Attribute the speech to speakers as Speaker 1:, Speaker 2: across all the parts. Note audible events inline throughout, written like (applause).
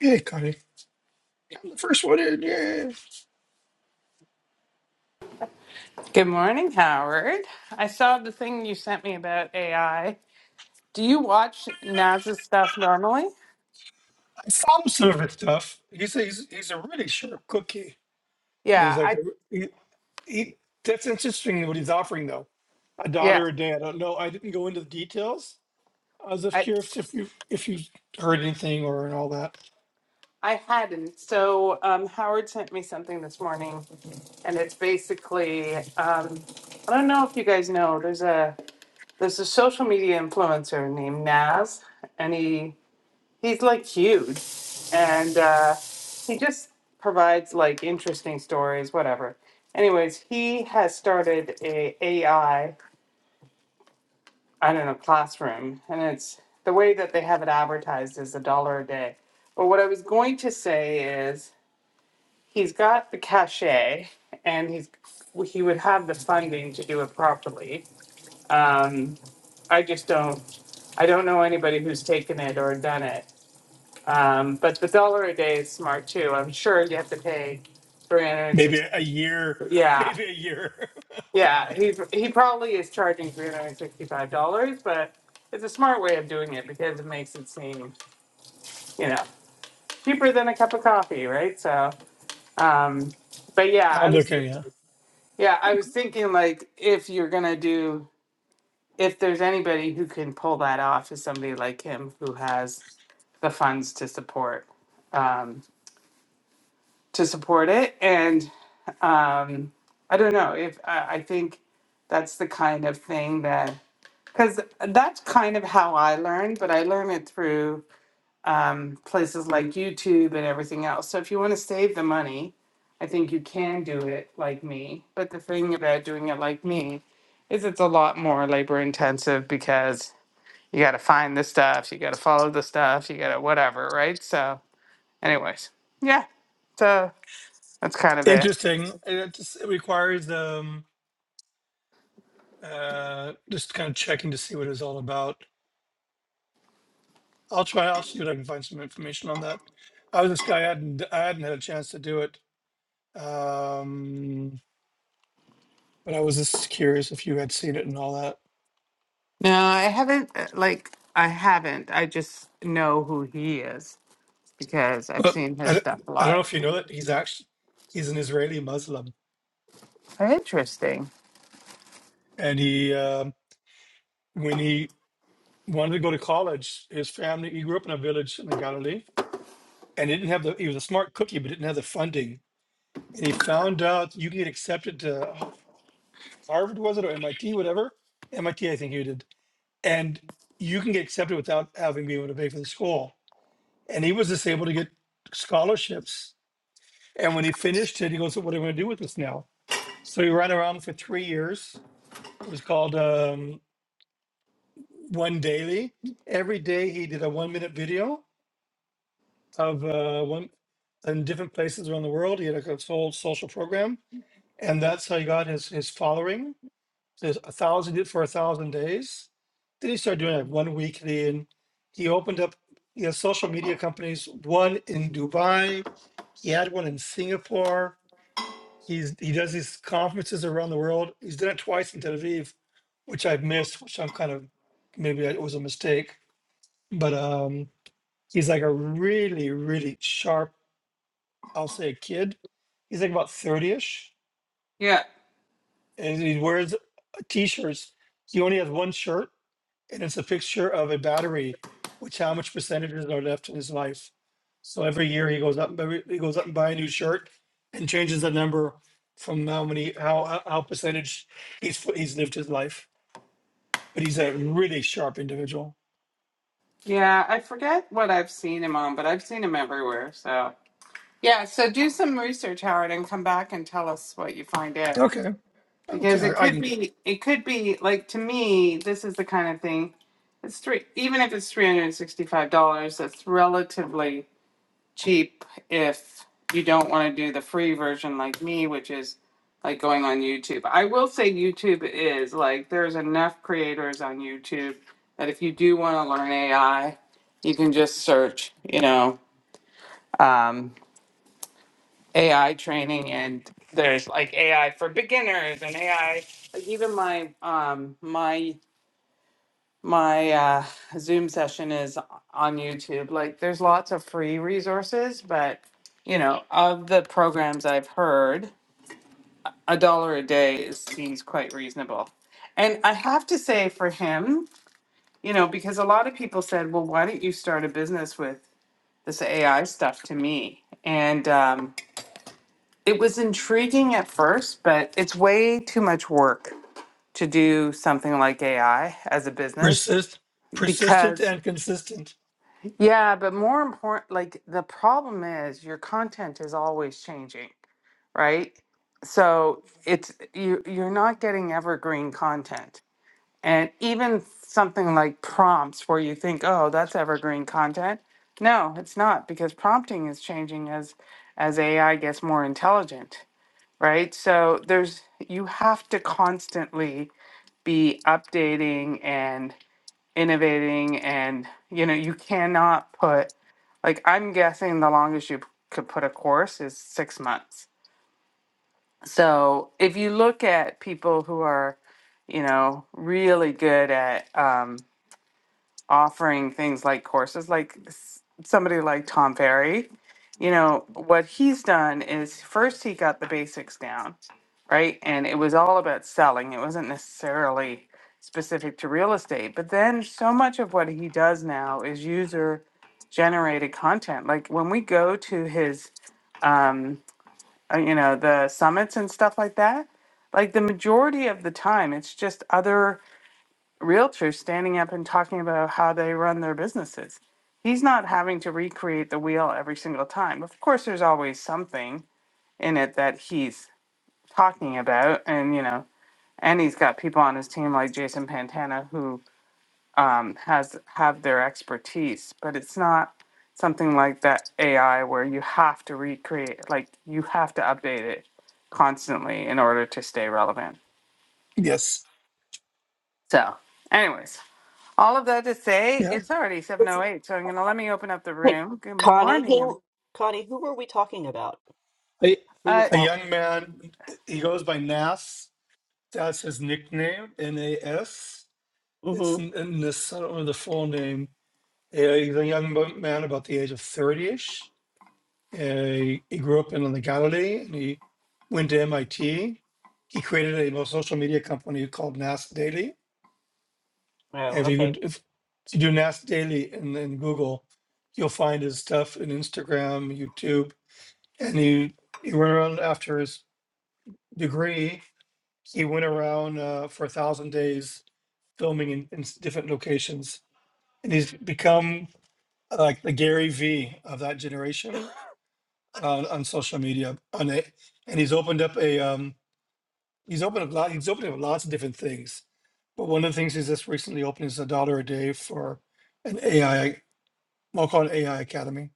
Speaker 1: Yeah, Cody. I'm the first one in. Yeah,
Speaker 2: Good morning, Howard. I saw the thing you sent me about AI. Do you watch Naz's stuff normally?
Speaker 1: I saw him serve and stuff. He's a, he's he's a really sharp cookie.
Speaker 2: Yeah,
Speaker 1: He's like
Speaker 2: I
Speaker 1: a, he, he. That's interesting what he's offering though. A
Speaker 2: yeah,
Speaker 1: daughter or dad? I don't know. I didn't go into the details. I was just
Speaker 2: I
Speaker 1: curious if you if you heard anything or and all that.
Speaker 2: I hadn't. So um, Howard sent me something this morning, and it's basically um, I don't know if you guys know. There's a there's a social media influencer named Naz, and he he's like huge and uh, he just provides like interesting stories whatever anyways he has started a ai i don't know classroom and it's the way that they have it advertised is a dollar a day but what i was going to say is he's got the cachet and he's he would have the funding to do it properly um, i just don't i don't know anybody who's taken it or done it Um, but the dollar a day is smart too. I'm sure you have to pay
Speaker 1: Maybe a
Speaker 2: 360.
Speaker 1: year. (laughs)
Speaker 2: Yeah,
Speaker 1: Maybe a year.
Speaker 2: yeah. He he probably is charging 365 dollars, but it's a smart way of doing it because it makes it seem you know cheaper than a cup of coffee, right? So, um, but
Speaker 1: (laughs)
Speaker 2: yeah, I
Speaker 1: I'll
Speaker 2: was
Speaker 1: look at yeah.
Speaker 2: yeah I was thinking like if you're gonna do if there's anybody who can pull that off is somebody like him who has the funds to support um, to support it and um, I don't know if I, I think that's the kind of thing that because that's kind of how I learned, but I learned it through um, places like YouTube and everything else. So if you want to save the money, I think you can do it like me. But the thing about doing it like me is it's a lot more labor intensive because you got to find the stuff, you got to follow the stuff, you got to whatever, right? So, anyways, yeah. So that's kind of it.
Speaker 1: Interesting. It just it requires um uh just kind of checking to see what it's all about. I'll try. I'll see if I can find some information on that. I was this guy. I hadn't. I hadn't had a chance to do it. Um, but I was just curious if you had seen it and all that.
Speaker 2: No, I haven't. uh, Like, I haven't. I just know who he is because I've
Speaker 1: But
Speaker 2: seen
Speaker 1: I
Speaker 2: his
Speaker 1: don't,
Speaker 2: stuff a
Speaker 1: I don't know
Speaker 2: lot.
Speaker 1: if you know that he's actually he's an Israeli Muslim,
Speaker 2: Interesting.
Speaker 1: and he um, when he wanted to go to college, his family he grew up in a village in the Galilee, and he didn't have the he was a smart cookie, but didn't have the funding, and he found out you can get accepted to Harvard, was it or MIT, whatever MIT I T I think he did and you can get accepted without having been able to pay for the school. And he was just able to get scholarships. And when he finished it, he goes, "So "What am I going to do with this now?" So he ran around for three years. It was called um, One Daily. Every day he did a one-minute video of uh, one in different places around the world. He had like, a whole social program, and that's how he got his his following So there's a thousand did for a thousand days. Then he started doing like one weekly, and he opened up you know social media companies. One in Dubai, he had one in Singapore. He's he does these conferences around the world. He's done it twice in Tel Aviv, which I've missed, which I'm kind of maybe it was a mistake. But um, he's like a really really sharp, I'll say, kid. He's like about thirty ish,
Speaker 2: Yeah.
Speaker 1: and he wears t-shirts. He only has one shirt and it's a picture of a battery, which how much percentages are left in his life. So every year he goes up, every, he goes up and buy a new shirt, and changes the number from how many how how how percentage he's he's lived his life. But he's a really sharp individual.
Speaker 2: Yeah. I forget what I've seen him on, but I've seen him everywhere. So, yeah. So do some research, Howard, and come back and tell us what you find out
Speaker 1: Okay, okay,
Speaker 2: because it
Speaker 1: I, I
Speaker 2: could
Speaker 1: can
Speaker 2: be, it could be like to me, this is the kind of thing. It's three, even if it's $365, that's relatively cheap if you don't want to do the free version like me, which is like going on YouTube. I will say YouTube is like there's enough creators on YouTube that if you do want to learn AI, you can just search, you know, um, AI training and there's like AI for beginners and AI like even my um my my uh, Zoom session is on YouTube. Like, there's lots of free resources, but you know, of the programs I've heard, a dollar a day is, seems quite reasonable. And I have to say, for him, you know, because a lot of people said, "Well, why don't you start a business with this AI stuff?" To me, and um, it was intriguing at first, but it's way too much work to do something like AI as a business
Speaker 1: persist, persistent
Speaker 2: because
Speaker 1: and consistent.
Speaker 2: Yeah, but more important, like the problem is your content is always changing, right? So it's you you're not getting evergreen content. And even something like prompts where you think, "Oh, that's evergreen content." No, it's not because prompting is changing as as AI gets more intelligent, right? So there's you have to constantly be updating and innovating and you know you cannot put like i'm guessing the longest you p- could put a course is six months so if you look at people who are you know really good at um, offering things like courses like s- somebody like Tom Ferry, you know, what he's done is first he got the basics down, right? And it was all about selling. It wasn't necessarily specific to real estate. But then so much of what he does now is user generated content. Like when we go to his um uh, you know, the summits and stuff like that, like the majority of the time it's just other realtors standing up and talking about how they run their businesses. He's not having to recreate the wheel every single time. Of course, there's always something in it that he's talking about, and you know, and he's got people on his team like Jason Pantana who um, has have their expertise, but it's not something like that AI where you have to recreate, like you have to update it constantly in order to stay relevant.
Speaker 1: Yes,
Speaker 2: So, anyways, All of that to say,
Speaker 1: yeah.
Speaker 2: it's already 7.08, so I'm going to let me open up the
Speaker 3: Hey,
Speaker 2: room. Good
Speaker 3: Connie,
Speaker 2: morning. every-
Speaker 3: who Connie, who were we talking about?
Speaker 1: A,
Speaker 3: Who
Speaker 2: Uh,
Speaker 3: was
Speaker 1: a
Speaker 3: how?
Speaker 1: young man, he goes by Nas. That's his nickname, N A S. It's
Speaker 3: Mm-hmm.
Speaker 1: N- N- Nas. I don't know the full name Uh, he's a young bo- man, about the age of 30 ish. he grew up in the Galilee and he went to MIT. He created a social media company called NAS Daily.
Speaker 3: Oh,
Speaker 1: If you,
Speaker 3: okay.
Speaker 1: could, if you do NAS Daily in, in Google, you'll find his stuff in Instagram, YouTube. And he, he went around after his degree, he went around uh, for a thousand days filming in, in s- different locations. And he's become uh, like the Gary V of that generation on, on social media on it and he's opened up a um he's opened up lot he's opened up lots of different things but one of the things he's just recently opened is a dollar a day for an ai i'll call it ai academy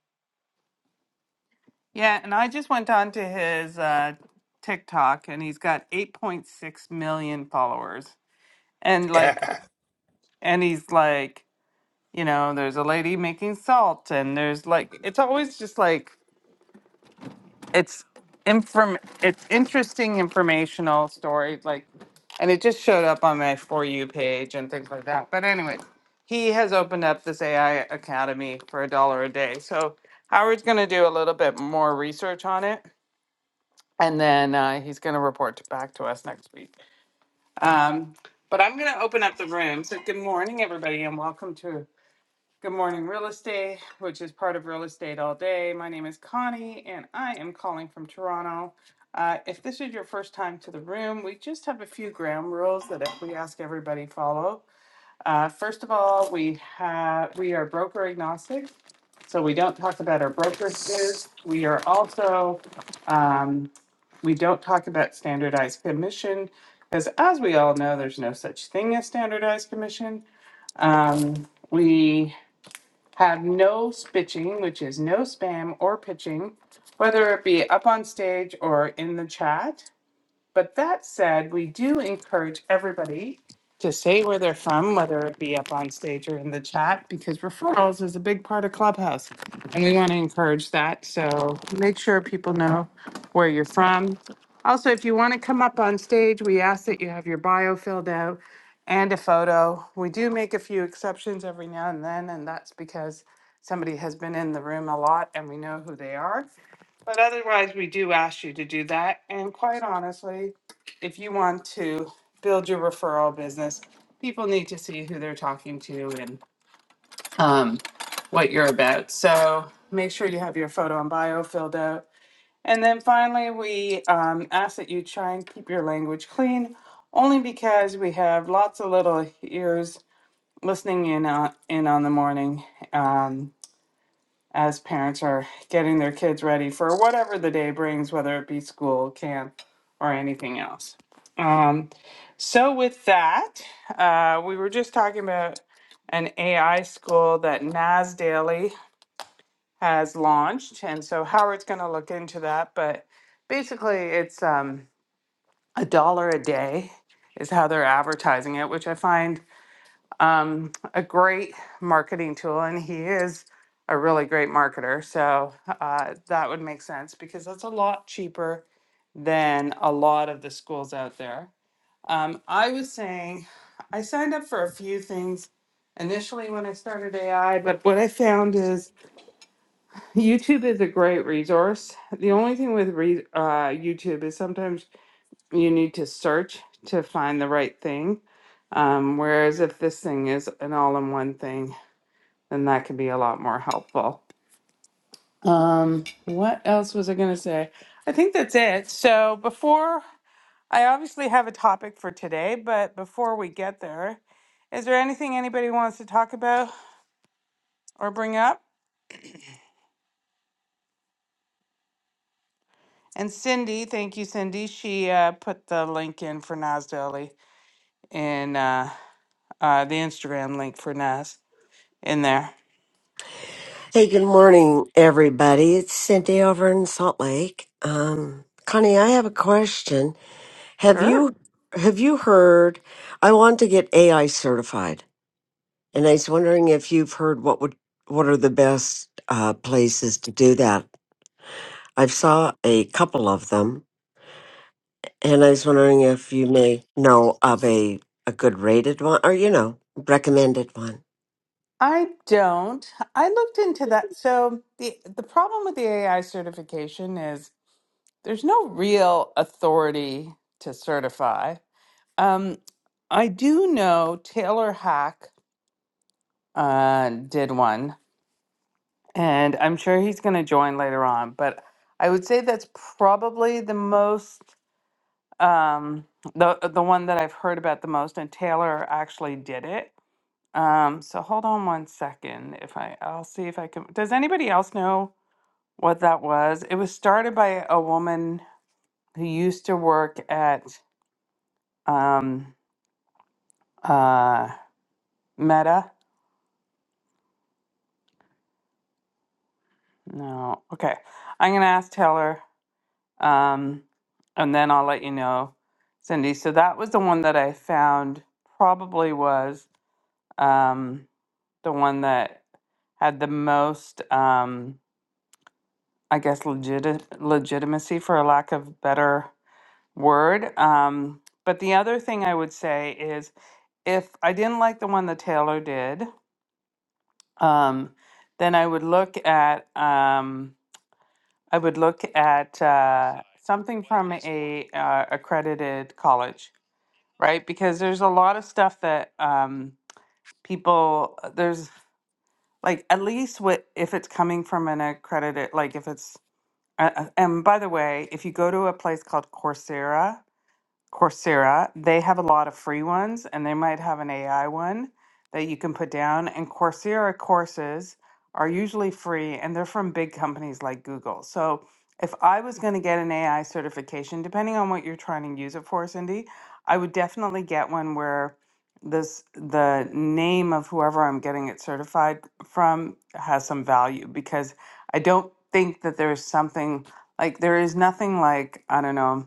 Speaker 2: yeah, and I just went on to his uh, TikTok, and he's got 8.6 million followers. And, like,
Speaker 1: yeah
Speaker 2: and he's like, you know, there's a lady making salt, and there's, like, it's always just, like, it's inform it's interesting informational stories like and it just showed up on my for you page and things like that but anyway he has opened up this ai academy for a dollar a day so howard's going to do a little bit more research on it and then uh, he's going to report t- back to us next week um, but i'm going to open up the room so good morning everybody and welcome to Good morning, real estate, which is part of real estate all day. My name is Connie and I am calling from Toronto. Uh, if this is your first time to the room, we just have a few ground rules that if we ask everybody follow. Uh, first of all, we have we are broker agnostic, so we don't talk about our brokerages. We are also um, we don't talk about standardized commission because, as we all know, there's no such thing as standardized commission. Um, we have no spitching, which is no spam or pitching, whether it be up on stage or in the chat. But that said, we do encourage everybody to say where they're from, whether it be up on stage or in the chat, because referrals is a big part of Clubhouse. And we want to encourage that. So make sure people know where you're from. Also, if you want to come up on stage, we ask that you have your bio filled out and a photo. We do make a few exceptions every now and then, and that's because somebody has been in the room a lot and we know who they are. But otherwise, we do ask you to do that. And quite honestly, if you want to build your referral business, people need to see who they're talking to and um, what you're about. So make sure you have your photo and bio filled out. And then finally, we um, ask that you try and keep your language clean, only because we have lots of little ears listening in on, in on the morning. Um, as parents are getting their kids ready for whatever the day brings, whether it be school, camp, or anything else. Um, so, with that, uh, we were just talking about an AI school that NAS Daily has launched. And so, Howard's going to look into that. But basically, it's um, a dollar a day is how they're advertising it, which I find um, a great marketing tool, and he is a really great marketer. So uh, that would make sense because that's a lot cheaper than a lot of the schools out there. Um, I was saying I signed up for a few things initially when I started AI, but what I found is YouTube is a great resource. The only thing with re- uh, YouTube is sometimes you need to search to find the right thing. Um, whereas if this thing is an all in one thing, then that can be a lot more helpful. Um, what else was I going to say? I think that's it. So before I obviously have a topic for today, but before we get there, is there anything anybody wants to talk about or bring up? And Cindy, thank you, Cindy. She uh, put the link in for Nas Daily in uh, uh, the Instagram link for Nas in there.
Speaker 4: Hey, good morning, everybody. It's Cindy over in Salt Lake. Um, Connie, I have a question. Have
Speaker 2: Sure.
Speaker 4: you have you heard? I want to get AI certified, and I was wondering if you've heard what would what are the best uh, places to do that. I've saw a couple of them, and I was wondering if you may know of a a good rated one, or you know, recommended one.
Speaker 2: I don't. I looked into that. So the the problem with the AI certification is there's no real authority to certify. Um, I do know Taylor Hack uh, did one, and I'm sure he's going to join later on. But I would say that's probably the most um, the the one that I've heard about the most, and Taylor actually did it. Um, so hold on one second. If I, I'll see if I can. Does anybody else know? what that was. It was started by a woman who used to work at um, uh, Meta. No, okay. I'm gonna ask Taylor, um, and then I'll let you know, Cindy. So that was the one that I found. Probably was um, the one that had the most, um, I guess, legit legitimacy for a lack of better word. Um, but the other thing I would say is if I didn't like the one that Taylor did, um, then I would look at um, I would look at uh, something from a uh, accredited college, right? Because there's a lot of stuff that um, people uh, there's like at least what if it's coming from an accredited like if it's uh, uh, and by the way, if you go to a place called Coursera, Coursera, they have a lot of free ones and they might have an AI one that you can put down. And Coursera courses are usually free and they're from big companies like Google. So if I was going to get an AI certification, depending on what you're trying to use it for, Cindy, I would definitely get one where this the name of whoever I'm getting it certified from has some value because I don't think that there's something like there is nothing like I don't know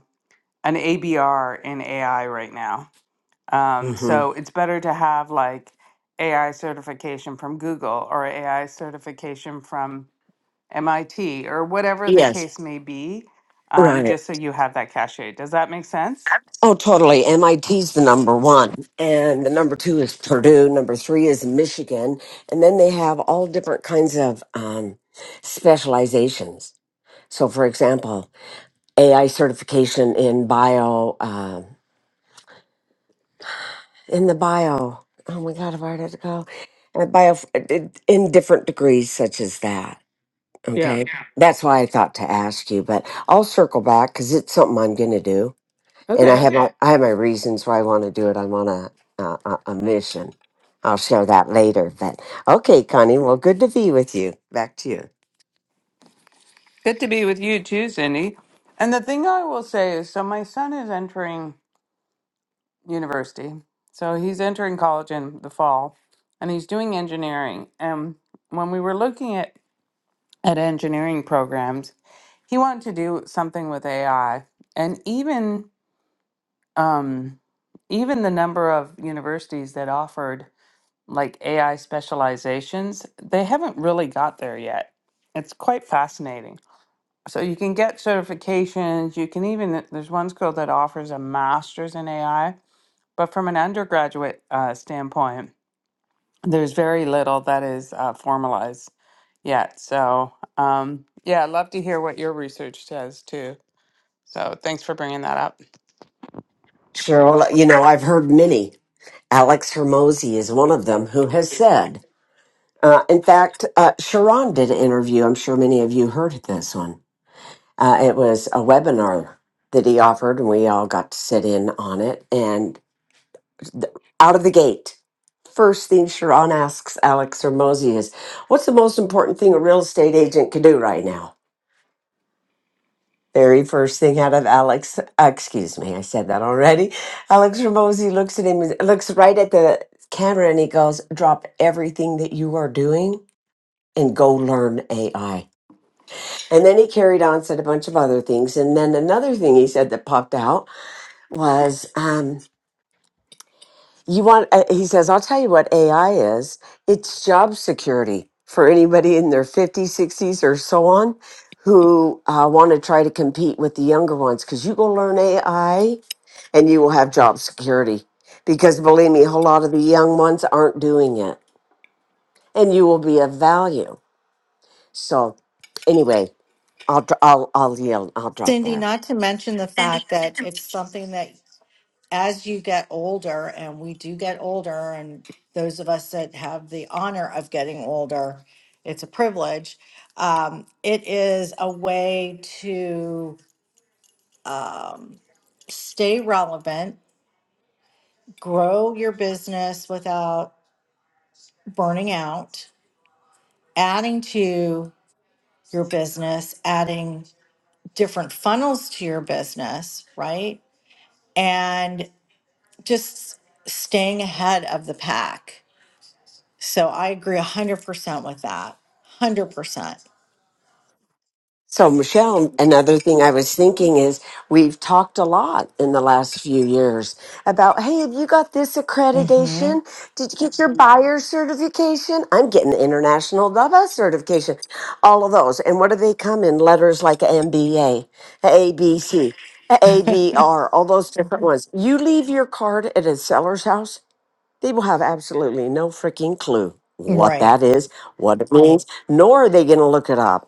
Speaker 2: an ABR in AI right now. Um,
Speaker 4: hmm
Speaker 2: so it's better to have like AI certification from Google or AI certification from MIT or whatever the
Speaker 4: Yes,
Speaker 2: case may be, um,
Speaker 4: right.
Speaker 2: just so you have that cachet. Does that make sense?
Speaker 4: Oh, totally. MIT's the number one, and the number two is Purdue. Number three is Michigan, and then they have all different kinds of um, specializations. So, for example, AI certification in bio, um, in the bio. Oh my God, where had to go? Uh, Bio in different degrees, such as that. Okay,
Speaker 2: Yeah.
Speaker 4: Yeah. that's why I thought to ask you, but I'll circle back because it's something I'm going to do, and I
Speaker 2: Okay.
Speaker 4: have Okay. my, Okay. I have my reasons why I want to do it. I'm on a, a a a mission. I'll share that later. But okay, Connie. Well, good to be with you. Back to you,
Speaker 2: Good to be with you too, Cindy. And the thing I will say is so my son is entering university. So he's entering college in the fall and he's doing engineering. And when we were looking at at engineering programs, he wanted to do something with AI, and even um, even the number of universities that offered like AI specializations, they haven't really got there yet. It's quite fascinating. So you can get certifications. You can even there's one school that offers a master's in AI, but from an undergraduate uh, standpoint. There's very little that is uh, formalized yet. So, um, yeah, I'd love to hear what your research says too. So, thanks for bringing that up.
Speaker 4: Cheryl. You know, I've heard many. Alex Hermosi is one of them who has said. Uh, in fact, uh, Sharon did an interview. I'm sure many of you heard this one. Uh, it was a webinar that he offered, and we all got to sit in on it. And th- out of the gate, first thing Sharon asks Alex Hermosi is, "What's the most important thing a real estate agent can do right now?" Very first thing out of Alex, uh, excuse me, I said that already. Alex Hermosi looks at him, looks right at the camera, and he goes, "Drop everything that you are doing and go learn AI." And then he carried on, said a bunch of other things. And then another thing he said that popped out was, um, you want, uh, he says, I'll tell you what AI is. It's job security for anybody in their 50s, 60s, or so on who uh, want to try to compete with the younger ones because you go learn AI and you will have job security. Because believe me, a whole lot of the young ones aren't doing it and you will be of value. So, anyway, I'll, dr- I'll, I'll yield, I'll drop
Speaker 5: Cindy,
Speaker 4: there.
Speaker 5: not to mention the fact that it's something that as you get older, and we do get older, and those of us that have the honor of getting older, it's a privilege. Um, it is a way to stay relevant, grow your business without burning out, adding to your business, adding different funnels to your business, right? And just staying ahead of the pack. So I agree 100% with that. 100%. percent
Speaker 4: So, Michelle, another thing I was thinking is we've talked a lot in the last few years about, hey, have you got this
Speaker 5: hmm
Speaker 4: accreditation? Did you get your buyer certification? I'm getting the International DABA certification, all of those. And what do they come in? Letters like MBA, ABC,
Speaker 5: (laughs)
Speaker 4: ABR, all those different ones. You leave your card at a seller's house, they will have absolutely no freaking clue what
Speaker 5: right.
Speaker 4: that is, what it means, nor are they going to look it up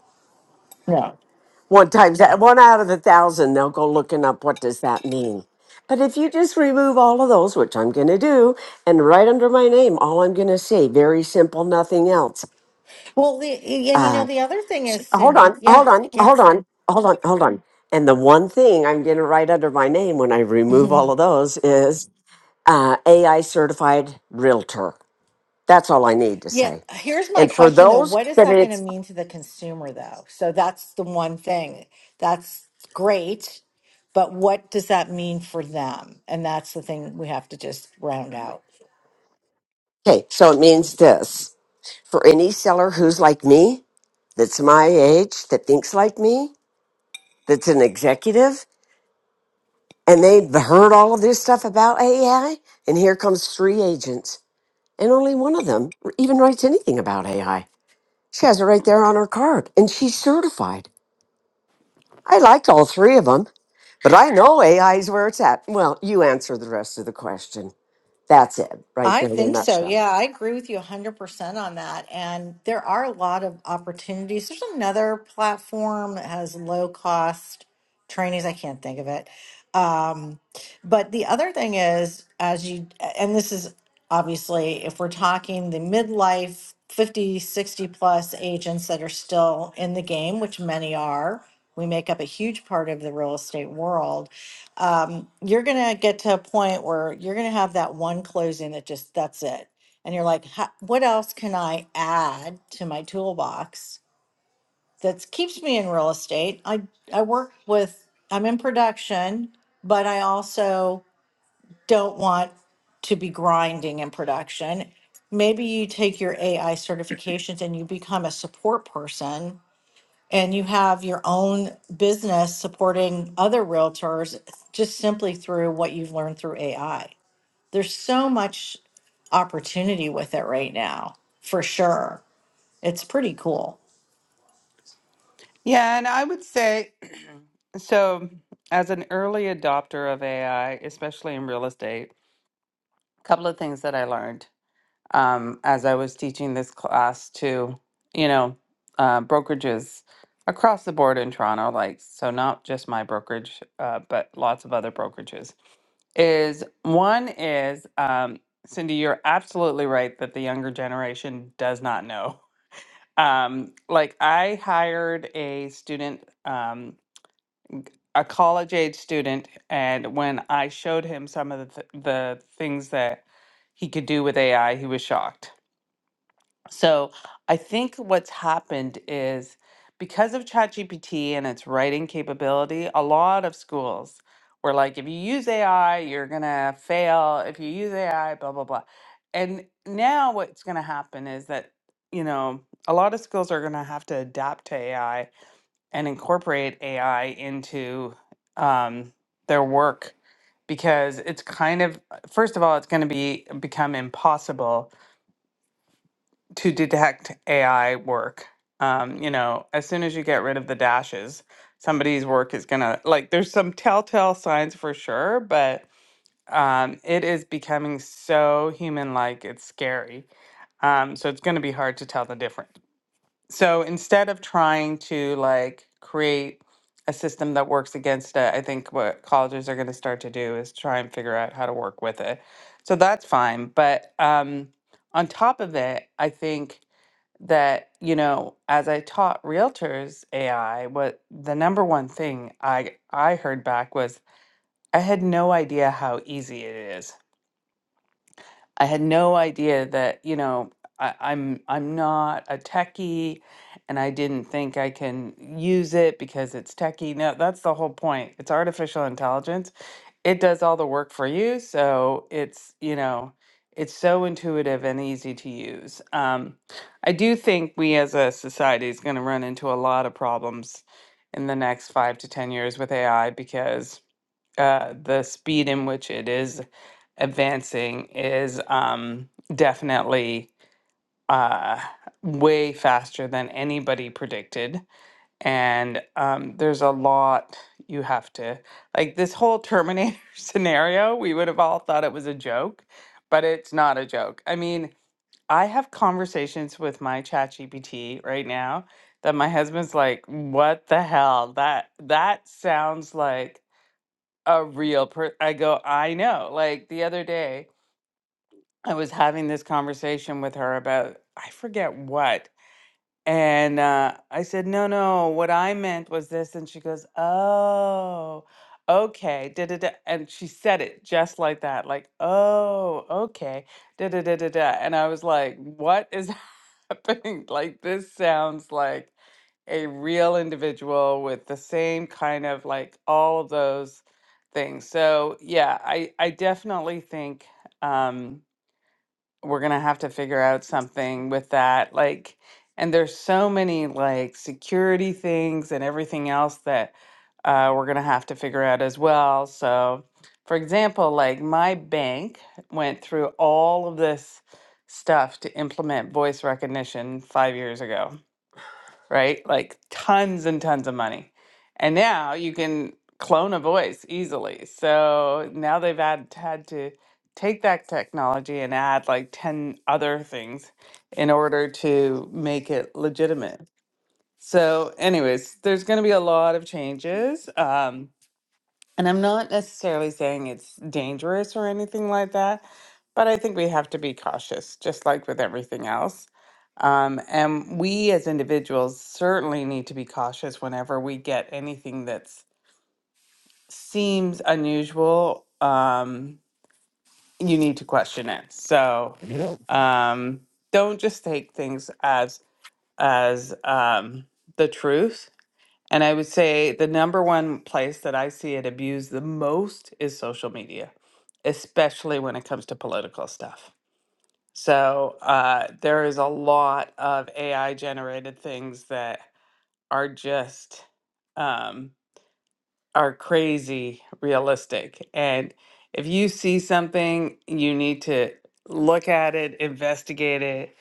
Speaker 5: No.
Speaker 4: one times that one out of a thousand they'll go looking up what does that mean but if you just remove all of those which i'm going to do and right under my name all i'm going to say very simple nothing else
Speaker 5: Well, the, and you know,
Speaker 4: uh,
Speaker 5: the other thing is,
Speaker 4: hold
Speaker 5: Cindy,
Speaker 4: on
Speaker 5: yeah,
Speaker 4: hold on
Speaker 5: yeah.
Speaker 4: hold
Speaker 5: (laughs)
Speaker 4: on hold on hold on and the one thing i'm going to write under my name when i remove all
Speaker 5: Mhm.
Speaker 4: of those is uh, ai certified realtor that's all i need to
Speaker 5: Yeah,
Speaker 4: say
Speaker 5: here's my
Speaker 4: and for
Speaker 5: question though.
Speaker 4: those
Speaker 5: What is
Speaker 4: that
Speaker 5: that going to
Speaker 4: it's
Speaker 5: mean to the consumer though? So that's the one thing. That's great, but what does that mean for them? And that's the thing we have to just round out.
Speaker 4: okay so it means this for any seller who's like me that's my age that thinks like me, that's an executive, and they've heard all of this stuff about AI. And here comes three agents, and only one of them even writes anything about AI. She has it right there on her card, and she's certified. I liked all three of them, but I know AI is where it's at. Well, you answer the rest of the question. That's it, right
Speaker 5: I
Speaker 4: there in a
Speaker 5: think so.
Speaker 4: nutshell.
Speaker 5: Yeah, I agree with you 100% on that. And there are a lot of opportunities. There's another platform that has low cost trainings. I can't think of it. Um, but the other thing is, as you, and this is obviously if we're talking the midlife 50, 60 plus agents that are still in the game, which many are, we make up a huge part of the real estate world um, you're gonna get to a point where you're gonna have that one closing that just that's it, and you're like, "Ha- what else can I add to my toolbox that keeps me in real estate? I I work with I'm in production, but I also don't want to be grinding in production. Maybe you take your AI certifications and you become a support person and you have your own business supporting other realtors just simply through what you've learned through AI. There's so much opportunity with it right now, for sure. It's pretty cool.
Speaker 2: Yeah, and I would say (clears throat) so, as an early adopter of AI, especially in real estate, a couple of things that I learned um, as I was teaching this class to, you know, uh, brokerages across the board in Toronto, like, so not just my brokerage, uh, but lots of other brokerages. is one is um, Cindy, you're absolutely right that the younger generation does not know. (laughs) Um, like I hired a student, um, a college age student, and when I showed him some of the, th- the things that he could do with AI, he was shocked so I think what's happened is because of ChatGPT and its writing capability, a lot of schools were like, if you use AI, you're gonna fail. If you use AI, blah blah blah. And now what's gonna happen is that you know a lot of schools are gonna have to adapt to AI and incorporate AI into um, their work because it's kind of first of all it's going to be become impossible to detect AI work. Um, you know, as soon as you get rid of the dashes, somebody's work is gonna like. There's some telltale signs for sure, but um, it is becoming so human-like. It's scary. Um, so it's gonna be hard to tell the difference. So instead of trying to like create a system that works against it, I think what colleges are gonna start to do is try and figure out how to work with it. So that's fine, but um, on top of it, I think that you know as i taught realtors ai what the number one thing i i heard back was i had no idea how easy it is I had no idea that, you know, I, I'm I'm not a techie and I didn't think I can use it because it's techie. No, that's the whole point. It's artificial intelligence. It does all the work for you. So it's, you know, it's so intuitive and easy to use. Um, I do think we as a society is going to run into a lot of problems in the next five to 10 years with AI because uh, the speed in which it is advancing is um, definitely uh, way faster than anybody predicted. And um, there's a lot you have to, like this whole Terminator (laughs) scenario, we would have all thought it was a joke, but it's not a joke. I mean, I have conversations with my chat GPT right now that my husband's like, what the hell? That that sounds like a real per I go, I know. Like the other day, I was having this conversation with her about I forget what. And uh, I said, no, no, what I meant was this. And she goes, oh, okay. Da, da, da. And she said it just like that, like, oh, okay. Da, da, da, da, da. And I was like, what is (laughs) happening? Like, this sounds like a real individual with the same kind of like all of those things. So, yeah, I, I definitely think. Um, we're gonna have to figure out something with that. Like, and there's so many like security things and everything else that uh, we're gonna have to figure out as well. So, for example, like my bank went through all of this stuff to implement voice recognition five years ago right? Like tons and tons of money. And now you can clone a voice easily. So now they've had, had to take that technology and add like 10 other things in order to make it legitimate. So, anyways, there's going to be a lot of changes. Um, and I'm not necessarily saying it's dangerous or anything like that, but I think we have to be cautious, just like with everything else. Um, and we as individuals certainly need to be cautious whenever we get anything that seems unusual. Um, you need to question it. So You know, um, don't just take things as as um, the truth and I would say the number one place that I see it abused the most is social media, especially when it comes to political stuff. So uh, there is a lot of AI generated things that are just um, are crazy realistic. And if you see something, you need to look at it, investigate it,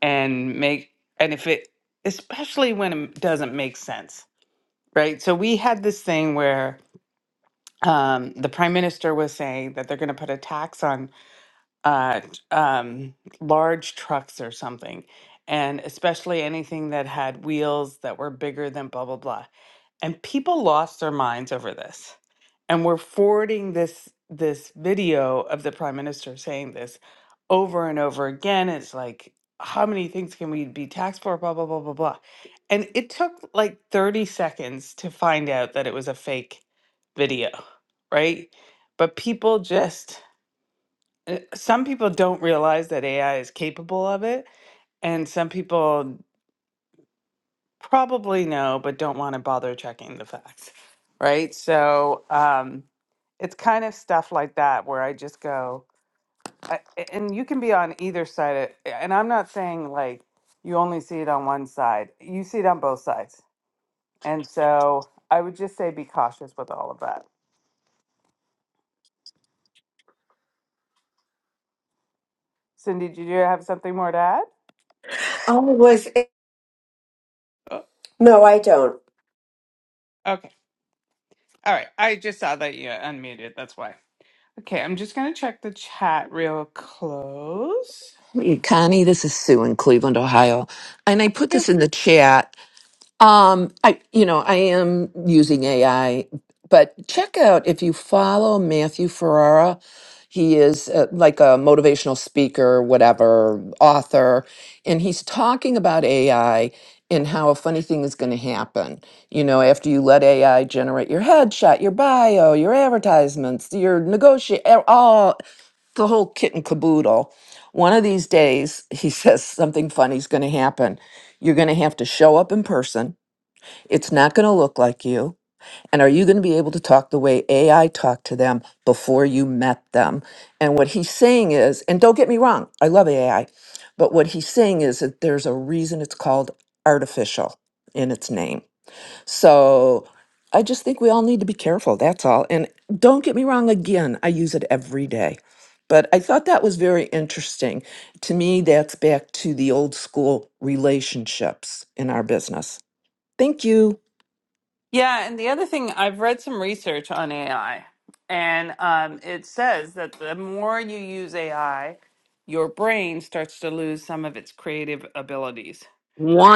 Speaker 2: and make and if it especially when it doesn't make sense right? So we had this thing where um, the prime minister was saying that they're going to put a tax on uh, t- um, large trucks or something, and especially anything that had wheels that were bigger than blah, blah, blah. And people lost their minds over this and we're forwarding this this video of the prime minister saying this over and over again it's like how many things can we be taxed for blah blah blah blah blah and it took like 30 seconds to find out that it was a fake video right but people just uh, some people don't realize that ai is capable of it and some people probably know but don't want to bother checking the facts right so um it's kind of stuff like that where I just go, I, a- and you can be on either side. Of, and I'm not saying like you only see it on one side, you see it on both sides. And so I would just say be cautious with all of that. Cindy, did you have something more to add?
Speaker 4: Oh, was it?
Speaker 2: Oh,
Speaker 4: No, I don't.
Speaker 2: okay. All right. I just saw that you unmuted. That's why. Okay. I'm just going to check the chat real close.
Speaker 6: Hey, Connie, this is Sue in Cleveland, Ohio. And I put this in the chat. Um, I, you know, I am using AI, but check out if you follow Matthew Ferrara. He is uh, like a motivational speaker, whatever, author, and he's talking about AI and how a funny thing is going to happen. You know, after you let AI generate your headshot, your bio, your advertisements, your negotiate, all the whole kit and caboodle. One of these days, he (laughs) says something funny's going to happen. You're going to have to show up in person. It's not going to look like you. And are you going to be able to talk the way AI talked to them before you met them? And what he's saying is, and don't get me wrong, I love AI, but what he's saying is that there's a reason it's called artificial in its name so I just think we all need to be careful. That's all. And don't get me wrong, again, I use it every day. But I thought that was very interesting. To me, that's back to the old school relationships in our business. Thank you.
Speaker 2: Yeah, and the other thing, I've read some research on AI, and um, it says that the more you use AI, your brain starts to lose some of its creative abilities,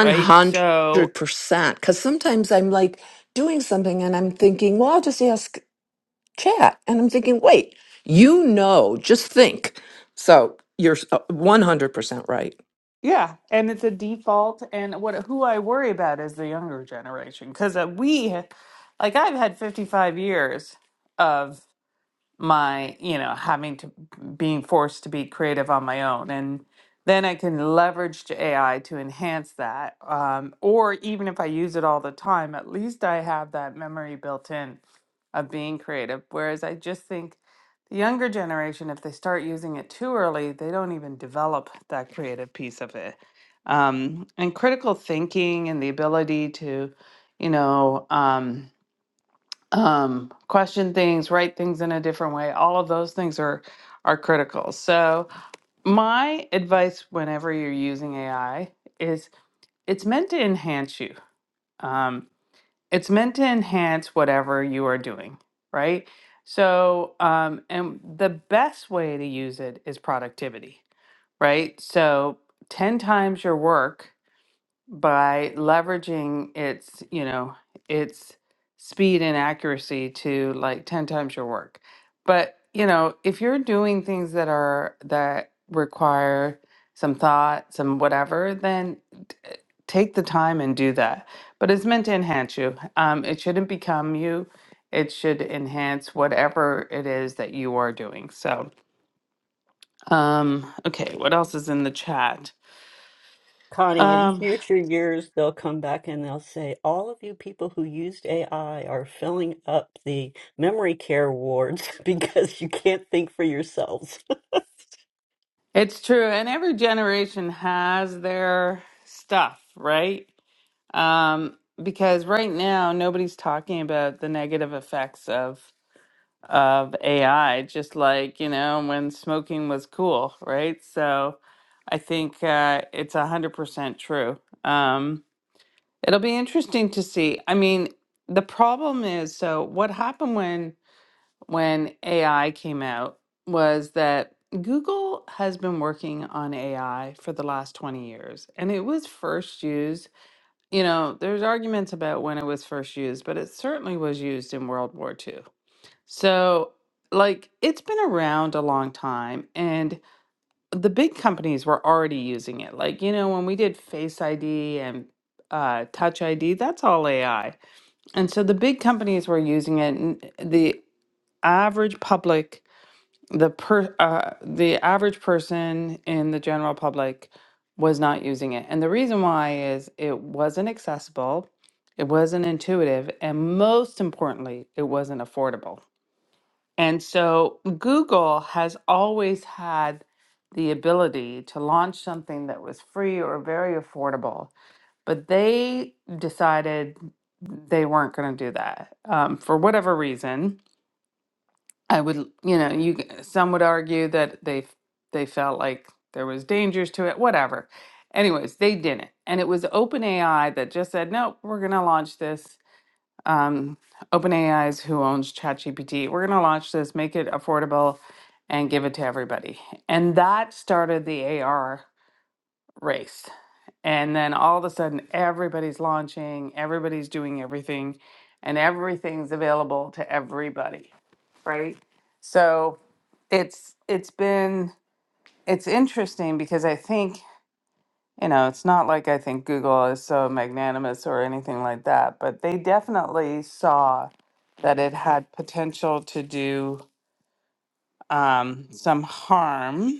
Speaker 2: right? So,
Speaker 6: Because sometimes I'm like doing something and I'm thinking, well, I'll just ask chat. And I'm thinking, wait, you know, just think. So you're s- uh, 100% right.
Speaker 2: yeah, and it's a default. And what who I worry about is the younger generation because uh, we, like, I've had 55 years. of. my you know having to being forced to be creative on my own and then i can leverage to ai to enhance that um, or even if i use it all the time at least i have that memory built in of being creative whereas i just think the younger generation if they start using it too early they don't even develop that creative piece of it um, and critical thinking and the ability to you know um, um, question things, write things in a different way. All of those things are are critical. So my advice whenever you're using AI is it's meant to enhance you. Um, it's meant to enhance whatever you are doing, right? So um, and the best way to use it is productivity, right? So ten times your work by leveraging its, you know, its speed and accuracy to like 10 times your work. But, you know, if you're doing things that are that require some thought, some whatever, then t- eh, take the time and do that. But it's meant to enhance you. Um, it shouldn't become you. It should enhance whatever it is that you are doing. So, um, okay, what else is in the chat?
Speaker 3: Connie, in
Speaker 2: Um,
Speaker 3: future years, they'll come back and they'll say, all of you people who used AI are filling up the memory care wards (laughs) because you can't think for yourselves. (laughs)
Speaker 2: It's true, and every generation has their stuff, right? Um, because right now nobody's talking about the negative effects of of AI, just like, you know, when smoking was cool, right? So I think uh, it's 100% true. Um, it'll be interesting to see. I mean, the problem is, so what happened when when AI came out was that Google has been working on AI for the last 20 years and it was first used. You know, there's arguments about when it was first used, but it certainly was used in World War II. So, like, it's been around a long time and the big companies were already using it. Like, you know, when we did Face ID and uh, Touch ID, that's all AI. And so the big companies were using it. And the average public the per uh, the average person in the general public was not using it and the reason why is it wasn't accessible it wasn't intuitive and most importantly it wasn't affordable and so google has always had the ability to launch something that was free or very affordable but they decided they weren't going to do that um, for whatever reason I would, you know, you some would argue that they they felt like there was dangers to it, whatever. Anyways, they didn't, and it was OpenAI that just said, "Nope, we're going to launch this." Um, OpenAI is who owns ChatGPT. We're going to launch this, make it affordable, and give it to everybody. And that started the AR race. And then all of a sudden, everybody's launching, everybody's doing everything, and everything's available to everybody, right? So it's it's been it's interesting because I think you know it's not like I think Google is so magnanimous or anything like that, but they definitely saw that it had potential to do um, some harm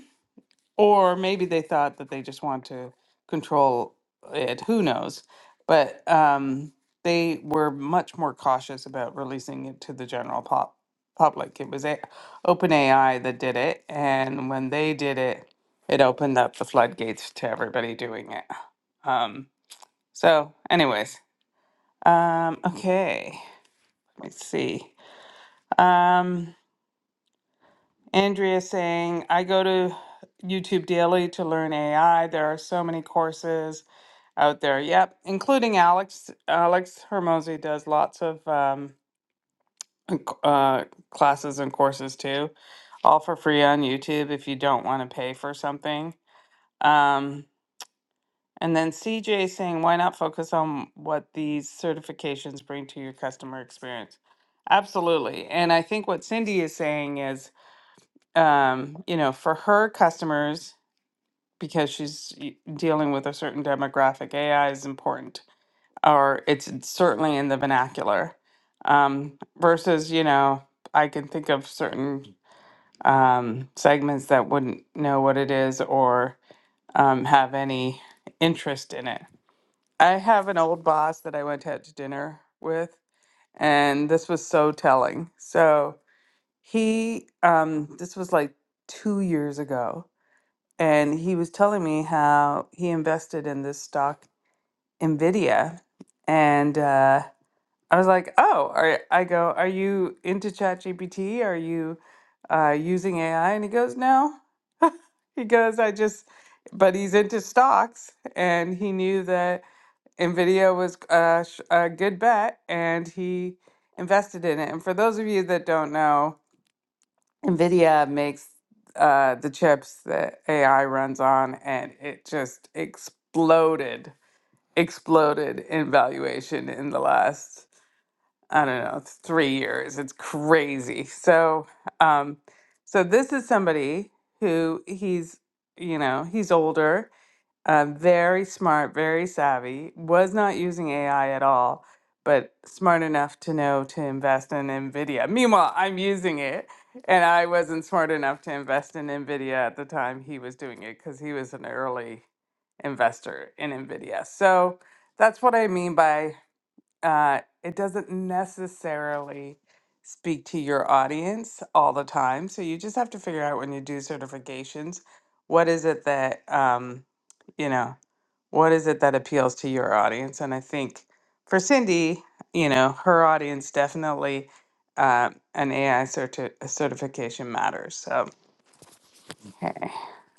Speaker 2: or maybe they thought that they just want to control it. Who knows? But um, they were much more cautious about releasing it to the general pop- public. It was a- OpenAI that did it. And when they did it, it opened up the floodgates to everybody doing it. Um, so, anyways, um, okay, let's see. Um, Andrea saying, I go to YouTube daily to learn AI. There are so many courses out there. Yep, including Alex. Alex Hermosi does lots of um, c- uh, classes and courses too, all for free on YouTube if you don't want to pay for something. Um, and then CJ saying, why not focus on what these certifications bring to your customer experience? Absolutely. And I think what Cindy is saying is, um, you know, for her customers, because she's y- dealing with a certain demographic, AI is important or it's it's certainly in the vernacular. Um, versus, you know, I can think of certain um, segments that wouldn't know what it is or um, have any interest in it. I have an old boss that I went out to dinner with, and this was so telling. So he, um, this was like two years ago, and he was telling me how he invested in this stock, NVIDIA, and uh, I was like, oh, are, I go, are you into ChatGPT? Are you uh, using AI? And he goes, no. (laughs) he goes, I just, but he's into stocks and he knew that NVIDIA was a, sh- a good bet and he invested in it. And for those of you that don't know, NVIDIA makes uh, the chips that AI runs on and it just exploded, exploded in valuation in the last I don't know, three years. It's crazy. So, um, so this is somebody who he's, you know, he's older, uh, very smart, very savvy, was not using AI at all, but smart enough to know to invest in NVIDIA. Meanwhile, I'm using it, and I wasn't smart enough to invest in NVIDIA at the time he was doing it because he was an early investor in NVIDIA. So that's what I mean by uh, it doesn't necessarily speak to your audience all the time. So you just have to figure out when you do certifications, what is it that, um, you know, what is it that appeals to your audience? And I think for Cindy, you know, her audience definitely uh, an AI certi- certification matters. So, okay,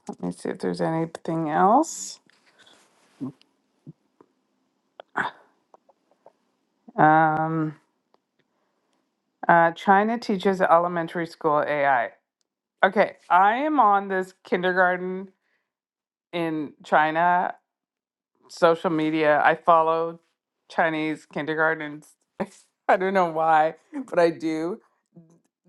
Speaker 2: let me see if there's anything else. Um, uh, China teaches elementary school AI. Okay, I am on this kindergarten in China social media. I follow Chinese kindergartens. (laughs) I don't know why, but I do.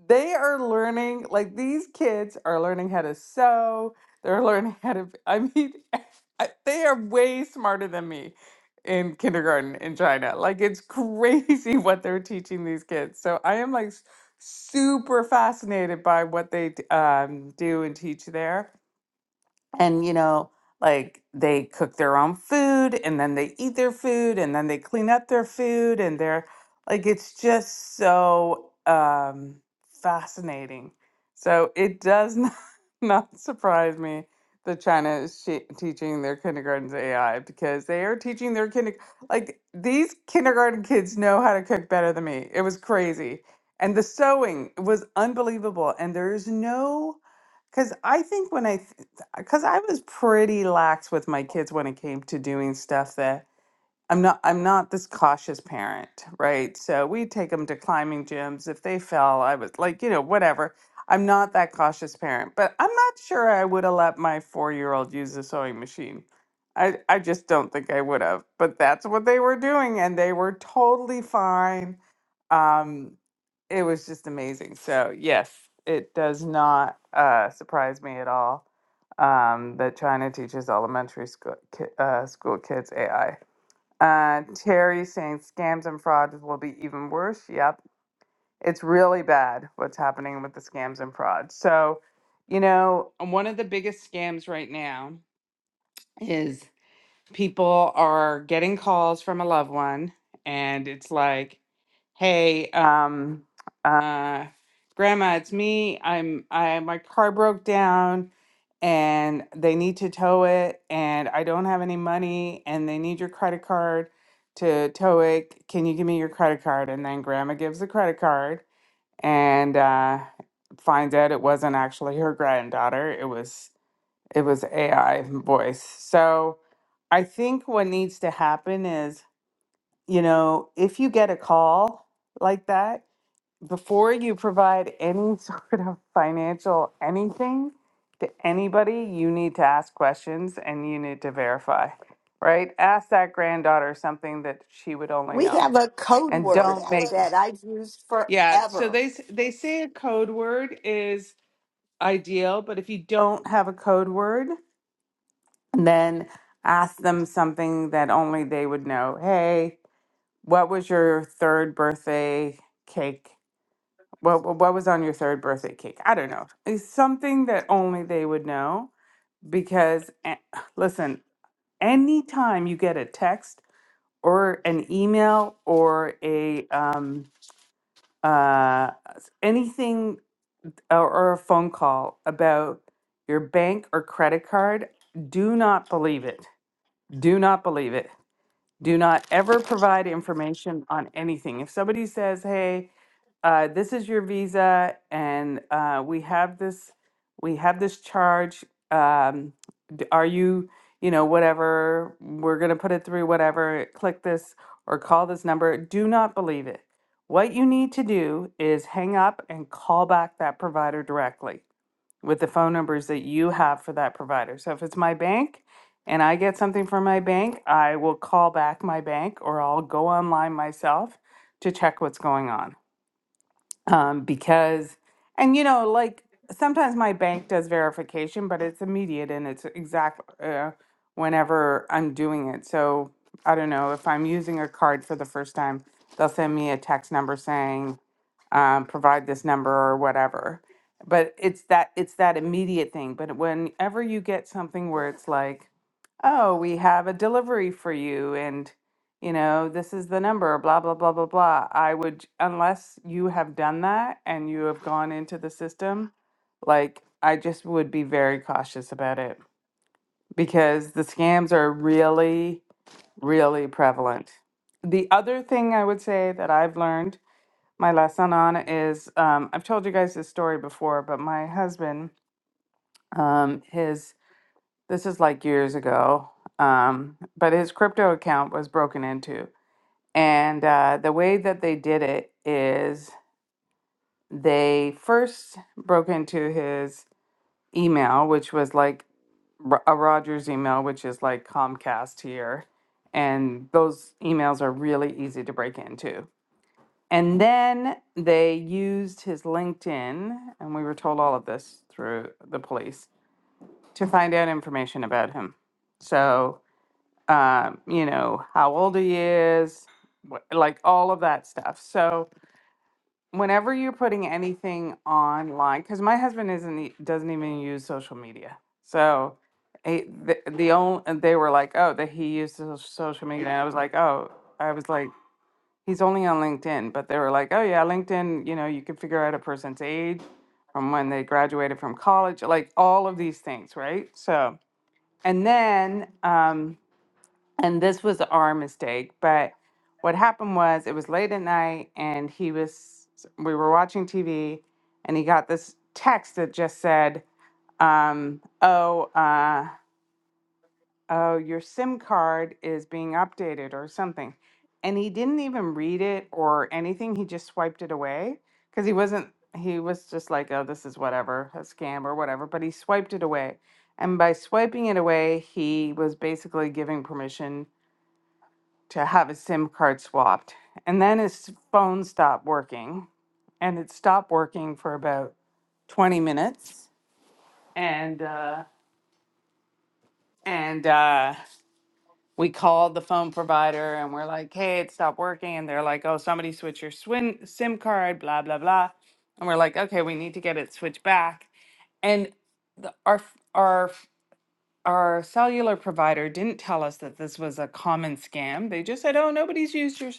Speaker 2: They are learning, like these kids are learning how to sew. They're learning how to, I mean, (laughs) I- they are way smarter than me in kindergarten in China. Like it's crazy (laughs) what they're teaching these kids. So I am like s- super fascinated by what they d- um, do and teach there and you know like they cook their own food and then they eat their food and then they clean up their food and they're like it's just so um fascinating so it does not, (laughs) not surprise me that china is shi teaching their kindergartens ai because they are teaching their kinder like these kindergarten kids know how to cook better than me it was crazy and the sewing was unbelievable and there is no because I think when I th- because I was pretty lax with my kids when it came to doing stuff that I'm not I'm not this cautious parent, right? So we take them to climbing gyms. If they fell, I was like, you know, whatever. I'm not that cautious parent, but I'm not sure I would have let my four-year-old use a sewing machine. I I just don't think I would have. But that's what they were doing, and they were totally fine. Um, it was just amazing. So yes, it does not uh, surprise me at all um, that China teaches elementary school ki- uh, school kids AI. Uh, Terry saying scams and frauds will be even worse. Yep. It's really bad what's happening with the scams and frauds. So, you know, one of the biggest scams right now is people are getting calls from a loved one, and it's like, hey um uh grandma it's me i'm i my car broke down and they need to tow it and i don't have any money and they need your credit card to tow it can you give me your credit card and then grandma gives the credit card and uh finds out it wasn't actually her granddaughter it was it was ai voice so i think what needs to happen is you know if you get a call like that before you provide any (laughs) sort of financial anything to anybody, you need to ask questions and you need to verify, right? Ask that granddaughter something that she would only
Speaker 7: We
Speaker 2: know,
Speaker 7: have a code
Speaker 2: and don't
Speaker 7: word
Speaker 2: Yeah. make it.
Speaker 7: that I've used
Speaker 2: Yeah. So
Speaker 7: forever.
Speaker 2: they s- they say a code word is ideal, but if you don't have a code word, then ask them something that only they would know. Hey, what was your third birthday cake? What what what was on your third birthday cake? I don't know. It's something that only they would know because a- listen, anytime you get a text or an email or a um uh anything or, or a phone call about your bank or credit card, do not believe it. Do not believe it. Do not ever provide information on anything. If somebody says, "Hey, uh, this is your visa, and uh, we have this, we have this charge. Um, d- are you, you know, whatever? We're gonna put it through whatever. Click this or call this number." Do not believe it. What you need to do is hang up and call back that provider directly with the phone numbers that you have for that provider. So if it's my bank and I get something from my bank, I will call back my bank or I'll go online myself to check what's going on um, because and you know like sometimes my bank does verification but it's immediate and it's exact uh, whenever i'm doing it so i don't know if i'm using a card for the first time they'll send me a text number saying um, provide this number or whatever but it's that it's that immediate thing but whenever you get something where it's like oh we have a delivery for you and you know, this is the number, blah, blah, blah, blah, blah. I would, unless you have done that and you have gone into the system, like, I just would be very cautious about it because the scams are really, really prevalent. The other thing I would say that I've learned my lesson on is um, I've told you guys this story before, but my husband, um, his, this is like years ago, um, but his crypto account was broken into and uh, the way that they did it is they first broke into his email, which was like Ro- a Rogers email, which is like Comcast here. And those emails are really easy to break into. And then they used his LinkedIn, and we were told all of this through the police to find out information about him. So, um, you know, how old he is, what, like all of that stuff. So, whenever you're putting anything online because my husband isn't e- doesn't even use social media so eh, the, the only and they were like oh that he used so- social media and i was like oh i was like he's only on linkedin but they were like oh yeah linkedin you know you can figure out a person's age from when they graduated from college like all of these things right so and then um and this was our mistake but what happened was it was late at night and he was we were watching tv and he got this text that just said um, oh uh, oh your sim card is being updated or something and he didn't even read it or anything he just swiped it away because he wasn't he was just like oh this is whatever a scam or whatever but he swiped it away and by swiping it away he was basically giving permission to have his SIM card swapped. And then his phone stopped working, and it stopped working for about 20 minutes. And uh, and uh, we called the phone provider, and we're like, "Hey, it stopped working." And they're like, "Oh, somebody switched your swin- SIM card." Blah blah blah. And we're like, "Okay, we need to get it switched back." And our f- our our cellular provider didn't tell us that this was a common scam. They just said, "Oh, nobody's used your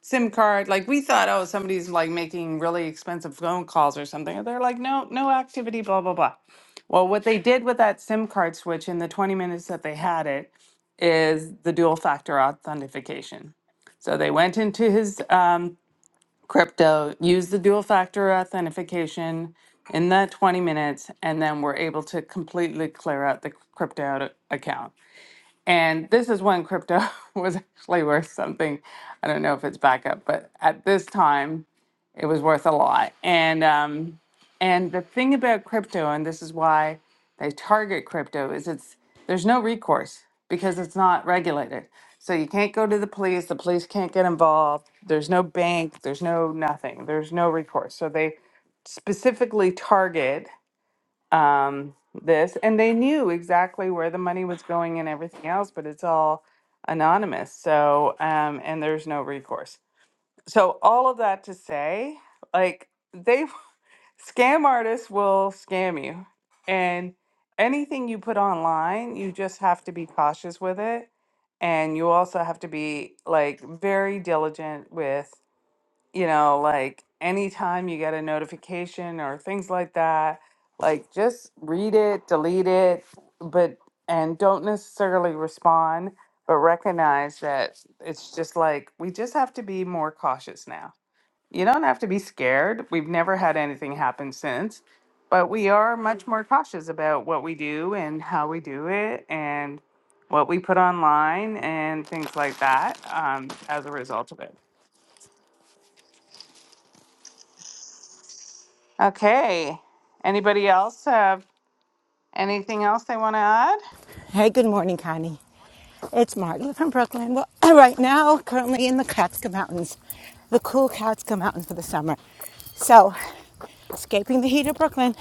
Speaker 2: SIM card." Like we thought, "Oh, somebody's like making really expensive phone calls or something." And they're like, "No, no activity, blah blah blah." Well, what they did with that SIM card switch in the 20 minutes that they had it is the dual factor authentication. So they went into his um, crypto, use the dual factor authentication in that 20 minutes, and then we're able to completely clear out the crypto out- account. And this is when crypto (laughs) was actually worth something. I don't know if it's back up, but at this time, it was worth a lot. And um, and the thing about crypto, and this is why they target crypto, is it's there's no recourse because it's not regulated. So you can't go to the police. The police can't get involved. There's no bank. There's no nothing. There's no recourse. So they specifically target um, this, and they knew exactly where the money was going and everything else, but it's all anonymous. So um, and there's no recourse so all of that to say, like they (laughs) scam artists will scam you. And anything you put online, you just have to be cautious with it. And you also have to be like very diligent with you know, like anytime you get a notification or things like that, like just read it, delete it, but and don't necessarily respond, but recognize that it's just like we just have to be more cautious now. You don't have to be scared. We've never had anything happen since, but we are much more cautious about what we do and how we do it and what we put online and things like that um, as a result of it. Okay. Anybody else have anything else they want to add?
Speaker 8: Hey, good morning, Connie. It's Margaret from Brooklyn. Well, (clears throat) right now, currently in the Catskill Mountains, the cool Catskill Mountains for the summer. So, escaping the heat of Brooklyn,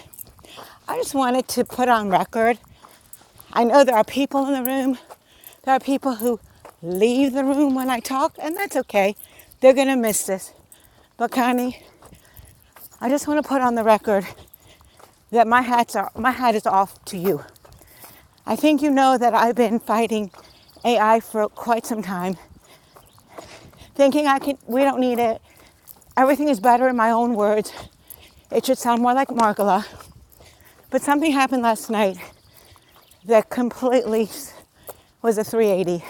Speaker 8: I just wanted to put on record. I know there are people in the room. There are people who leave the room when I talk, and that's okay. They're going to miss this. But Connie, I just want to put on the record that my hats are my hat is off to you. I think you know that I've been fighting AI for quite some time, thinking I can we don't need it. Everything is better in my own words. It should sound more like Margola. But something happened last night that completely was a 380,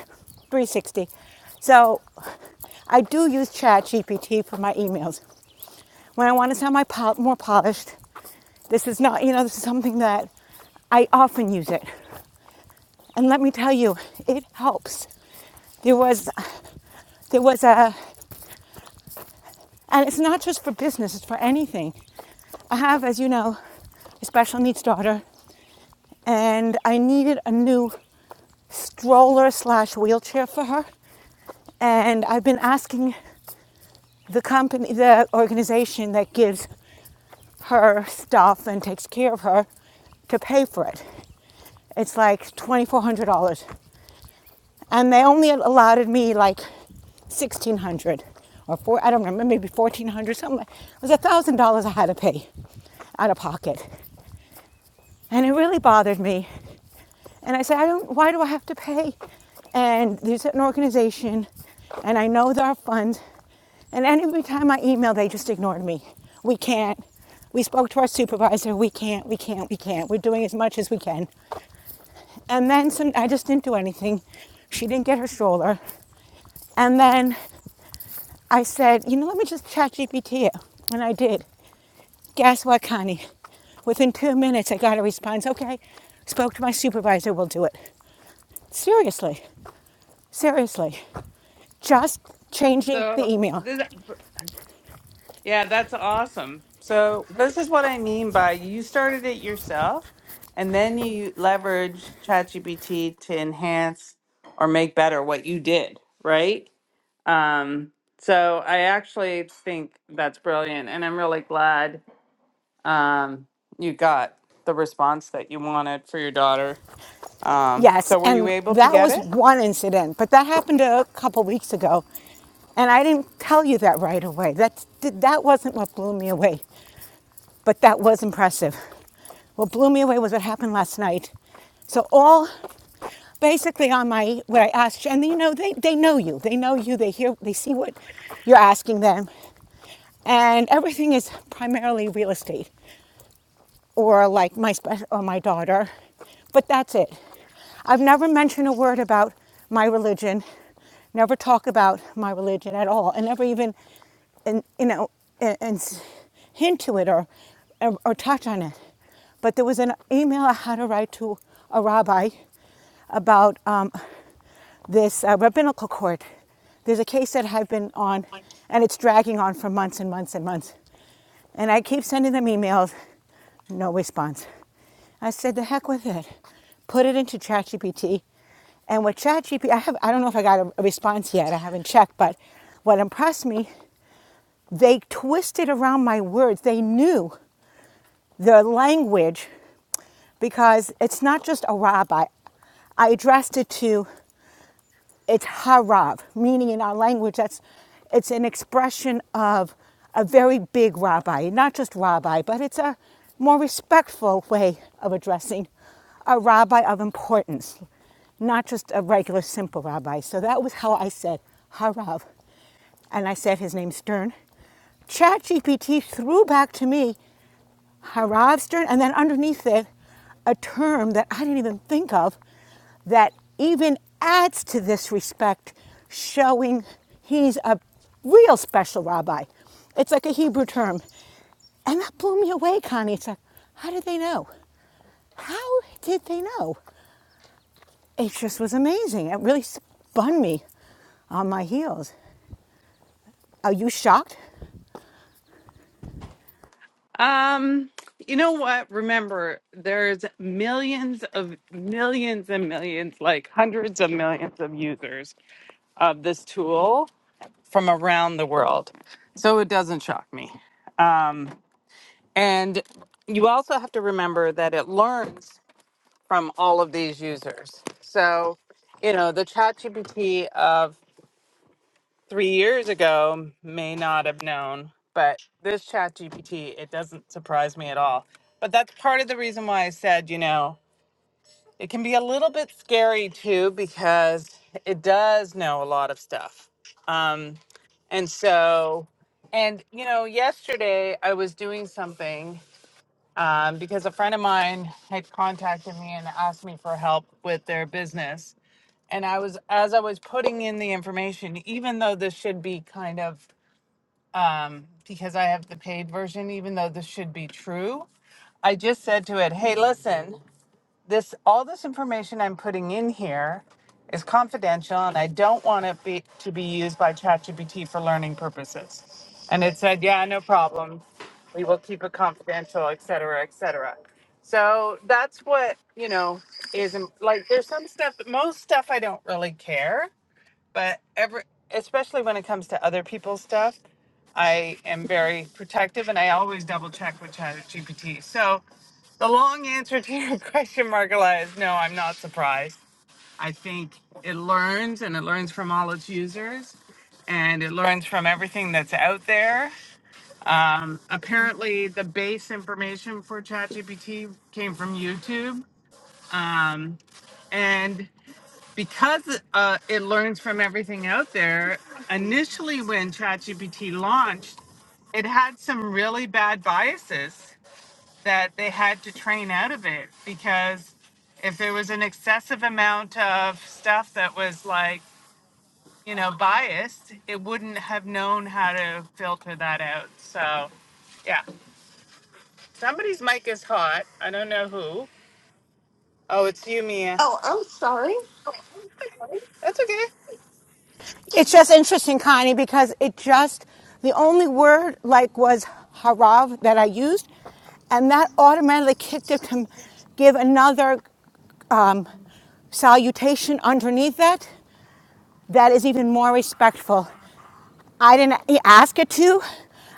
Speaker 8: 360. So I do use Chat GPT for my emails. When I want to sound my pol- more polished, this is not, you know, this is something that I often use it. And let me tell you, it helps. There was there was a And it's not just for business, it's for anything. I have, as you know, a special needs daughter, and I needed a new stroller slash wheelchair for her. And I've been asking the company, the organization that gives her stuff and takes care of her to pay for it. It's like $2,400. And they only allotted me like 1600 or four, I don't remember, maybe 1400 something. like, It was $1,000 I had to pay out of pocket. And it really bothered me. And I said, I don't, why do I have to pay? And there's an organization, and I know there are funds. And every time I emailed, they just ignored me. We can't. We spoke to our supervisor. We can't, we can't, we can't. We're doing as much as we can. And then some, I just didn't do anything. She didn't get her stroller. And then I said, you know, let me just chat GPT it. And I did. Guess what, Connie? Within two minutes, I got a response. Okay, spoke to my supervisor. We'll do it. Seriously, seriously, just changing
Speaker 2: So,
Speaker 8: the email.
Speaker 2: this, yeah, that's awesome. So, this is what I mean by you started it yourself and then you leverage ChatGPT to enhance or make better what you did, right? Um, so, I actually think that's brilliant. And I'm really glad um, you got the response that you wanted for your daughter. Um,
Speaker 8: Yes,
Speaker 2: so, were you
Speaker 8: and
Speaker 2: able to
Speaker 8: that
Speaker 2: get
Speaker 8: was
Speaker 2: it?
Speaker 8: one incident, but that happened a couple weeks ago, and I didn't tell you that right away. That that wasn't what blew me away, but that was impressive. What blew me away was what happened last night. So all basically on my what I asked, and you know they they know you, they know you, they hear, they see what you're asking them, and everything is primarily real estate. or like my spe- or my daughter, but that's it. I've never mentioned a word about my religion, never talk about my religion at all, and never even, and you know, and, and hint to it or, or or touch on it. But there was an email I had to write to a rabbi about um, this uh, rabbinical court. There's a case that I've been on, and it's dragging on for months and months and months. And I keep sending them emails, no response. I said, the heck with it. Put it into ChatGPT. And with ChatGPT, I have I don't know if I got a, response yet. I haven't checked, but what impressed me, they twisted around my words. They knew the language because it's not just a rabbi. I addressed it to it's harav, meaning in our language, that's it's an expression of a very big rabbi, not just rabbi, but it's a more respectful way of addressing a rabbi of importance, not just a regular simple rabbi. So that was how I said harav, and I said his name Stern. ChatGPT threw back to me Harav Stern, and then underneath it, a term that I didn't even think of that even adds to this respect, showing he's a real special rabbi. It's like a Hebrew term. And that blew me away, Connie. It's like, how did they know? How did they know? It just was amazing. It really spun me on my heels. Are you shocked?
Speaker 2: Um, you know what? Remember, there's millions of millions and millions, like hundreds of millions of users of this tool from around the world. So it doesn't shock me. And you also have to remember that it learns from all of these users. So, you know, the ChatGPT of three years ago may not have known, but this chat GPT, it doesn't surprise me at all. But that's part of the reason why I said, you know, it can be a little bit scary too, because it does know a lot of stuff. Um, and so, and you know, yesterday I was doing something um, because a friend of mine had contacted me and asked me for help with their business. And I was, as I was putting in the information, even though this should be kind of because I have the paid version, even though this should be true. I just said to it, "Hey, listen, this all this information I'm putting in here is confidential, and I don't want it be, to be used by ChatGPT for learning purposes." And it said, "Yeah, no problem. We will keep it confidential, et cetera, et cetera." So that's what you know is im- like. There's some stuff, most stuff I don't really care but every especially when it comes to other people's stuff i am very protective and i always double check with ChatGPT. so the long answer to your (laughs) question margala is no i'm not surprised i think it learns and it learns from all its users and it learns from everything that's out there um, apparently the base information for ChatGPT came from youtube um, and because uh, it learns from everything out there, initially when ChatGPT launched, it had some really bad biases that they had to train out of it because if there was an excessive amount of stuff that was like, you know, biased, it wouldn't have known how to filter that out. So, yeah, somebody's mic is hot. I don't know who. Oh, it's you, Mia.
Speaker 7: Oh, I'm sorry.
Speaker 2: That's okay.
Speaker 8: It's just interesting, Connie, because it just, the only word like was harav that I used, and that automatically kicked it to give another um, salutation underneath that that is even more respectful. I didn't ask it to,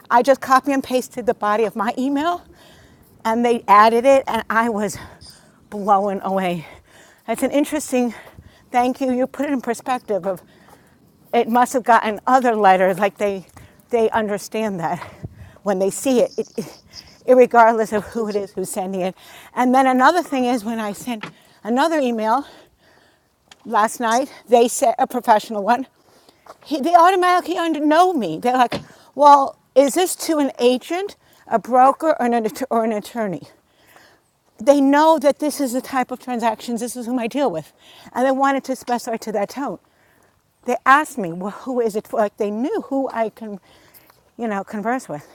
Speaker 8: I just copy and pasted the body of my email, and they added it, and I was blown away. It's an interesting thank you. You put it in perspective of it must have gotten other letters, like they, they understand that when they see it, it, it, regardless of who it is who's sending it. And then another thing is when I sent another email last night, they said, a professional one, he, they automatically know me. They're like, well, is this to an agent, a broker, or an, or an attorney? They know that this is the type of transactions, this is whom I deal with. And they wanted to specify to that tone. They asked me, well, who is it for? Like they knew who I can, you know, converse with.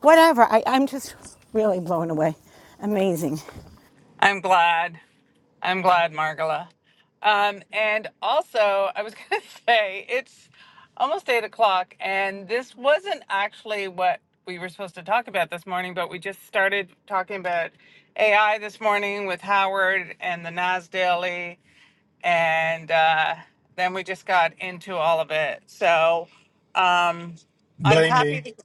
Speaker 8: Whatever. I, I'm just really blown away. Amazing.
Speaker 2: I'm glad. I'm glad, Margola. Um, and also, I was (laughs) going to say it's almost eight o'clock, and this wasn't actually what we were supposed to talk about this morning, but we just started talking about AI this morning with Howard and the Nas Daily, and uh, then we just got into all of it. So um, I'm
Speaker 1: blame
Speaker 2: happy
Speaker 1: me
Speaker 2: to. (laughs)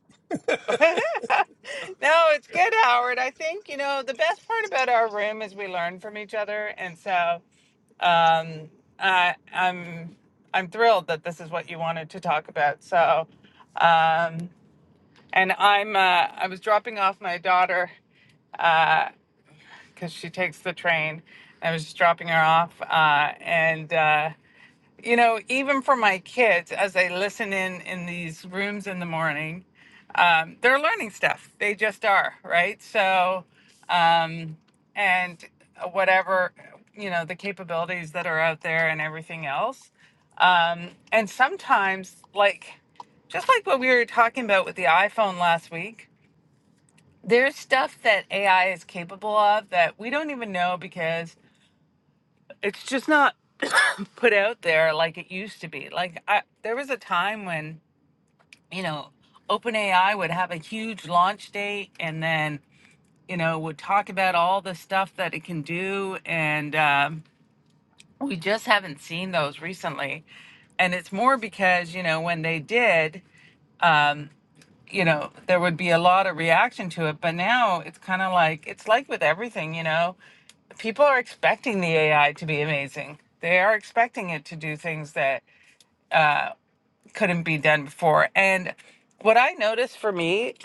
Speaker 2: No, it's good, Howard. I think, you know, the best part about our room is we learn from each other. And so um, I, I'm I'm thrilled that this is what you wanted to talk about. So, um, and I'm uh, I was dropping off my daughter because she takes the train. I was just dropping her off, uh, and uh, you know, even for my kids, as they listen in in these rooms in the morning, um, they're learning stuff. They just are, right? So, um, and whatever, you know, the capabilities that are out there and everything else. Um, and sometimes, like, just like what we were talking about with the iPhone last week, there's stuff that AI is capable of that we don't even know because it's just not put out there like it used to be. Like, I, there was a time when, you know, OpenAI would have a huge launch date and then you know, would talk about all the stuff that it can do. And um, we just haven't seen those recently. And it's more because, you know, when they did, um, you know, there would be a lot of reaction to it. But now it's kind of like, it's like with everything, you know, people are expecting the AI to be amazing. They are expecting it to do things that couldn't be done before. And what I noticed for me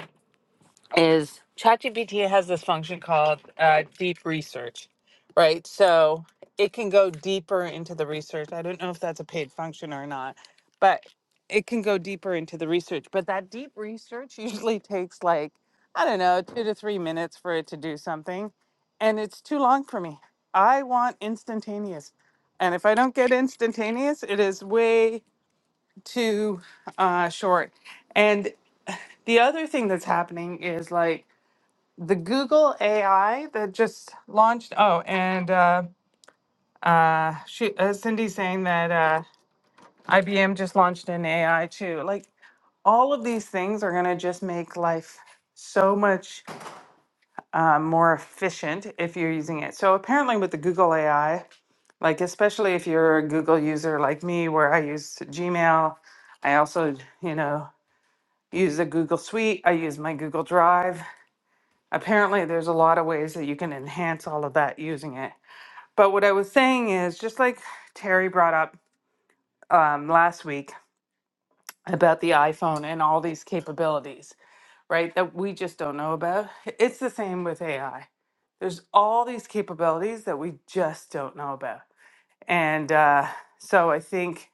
Speaker 2: is ChatGPT has this function called uh, deep research, right? So it can go deeper into the research. I don't know if that's a paid function or not, but it can go deeper into the research. But that deep research (laughs) usually takes like, I don't know, two to three minutes for it to do something. And it's too long for me. I want instantaneous. And if I don't get instantaneous, it is way too uh, short. And the other thing that's happening is like, the Google AI that just launched. Oh, and uh, uh, she, uh, Cindy's saying that uh, IBM just launched an AI too. Like all of these things are going to just make life so much uh, more efficient if you're using it. So apparently, with the Google AI, like especially if you're a Google user like me, where I use Gmail, I also, you know, use the Google Suite. I use my Google Drive. Apparently, there's a lot of ways that you can enhance all of that using it. But what I was saying is just like Terry brought up um, last week about the iPhone and all these capabilities, right? That we just don't know about. It's the same with AI. There's all these capabilities that we just don't know about. And uh, so I think,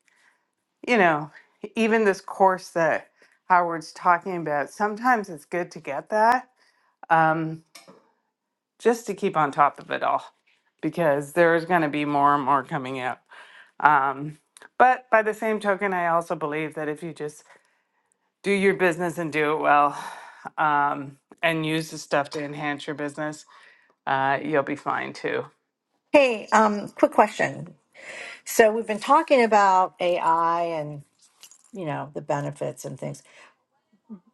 Speaker 2: you know, even this course that Howard's talking about, sometimes it's good to get that um, just to keep on top of it all because there's going to be more and more coming out. Um, but by the same token, I also believe that if you just do your business and do it well um, and use the stuff to enhance your business, uh, you'll be fine too.
Speaker 5: Hey, um, quick question. So we've been talking about AI and you know the benefits and things.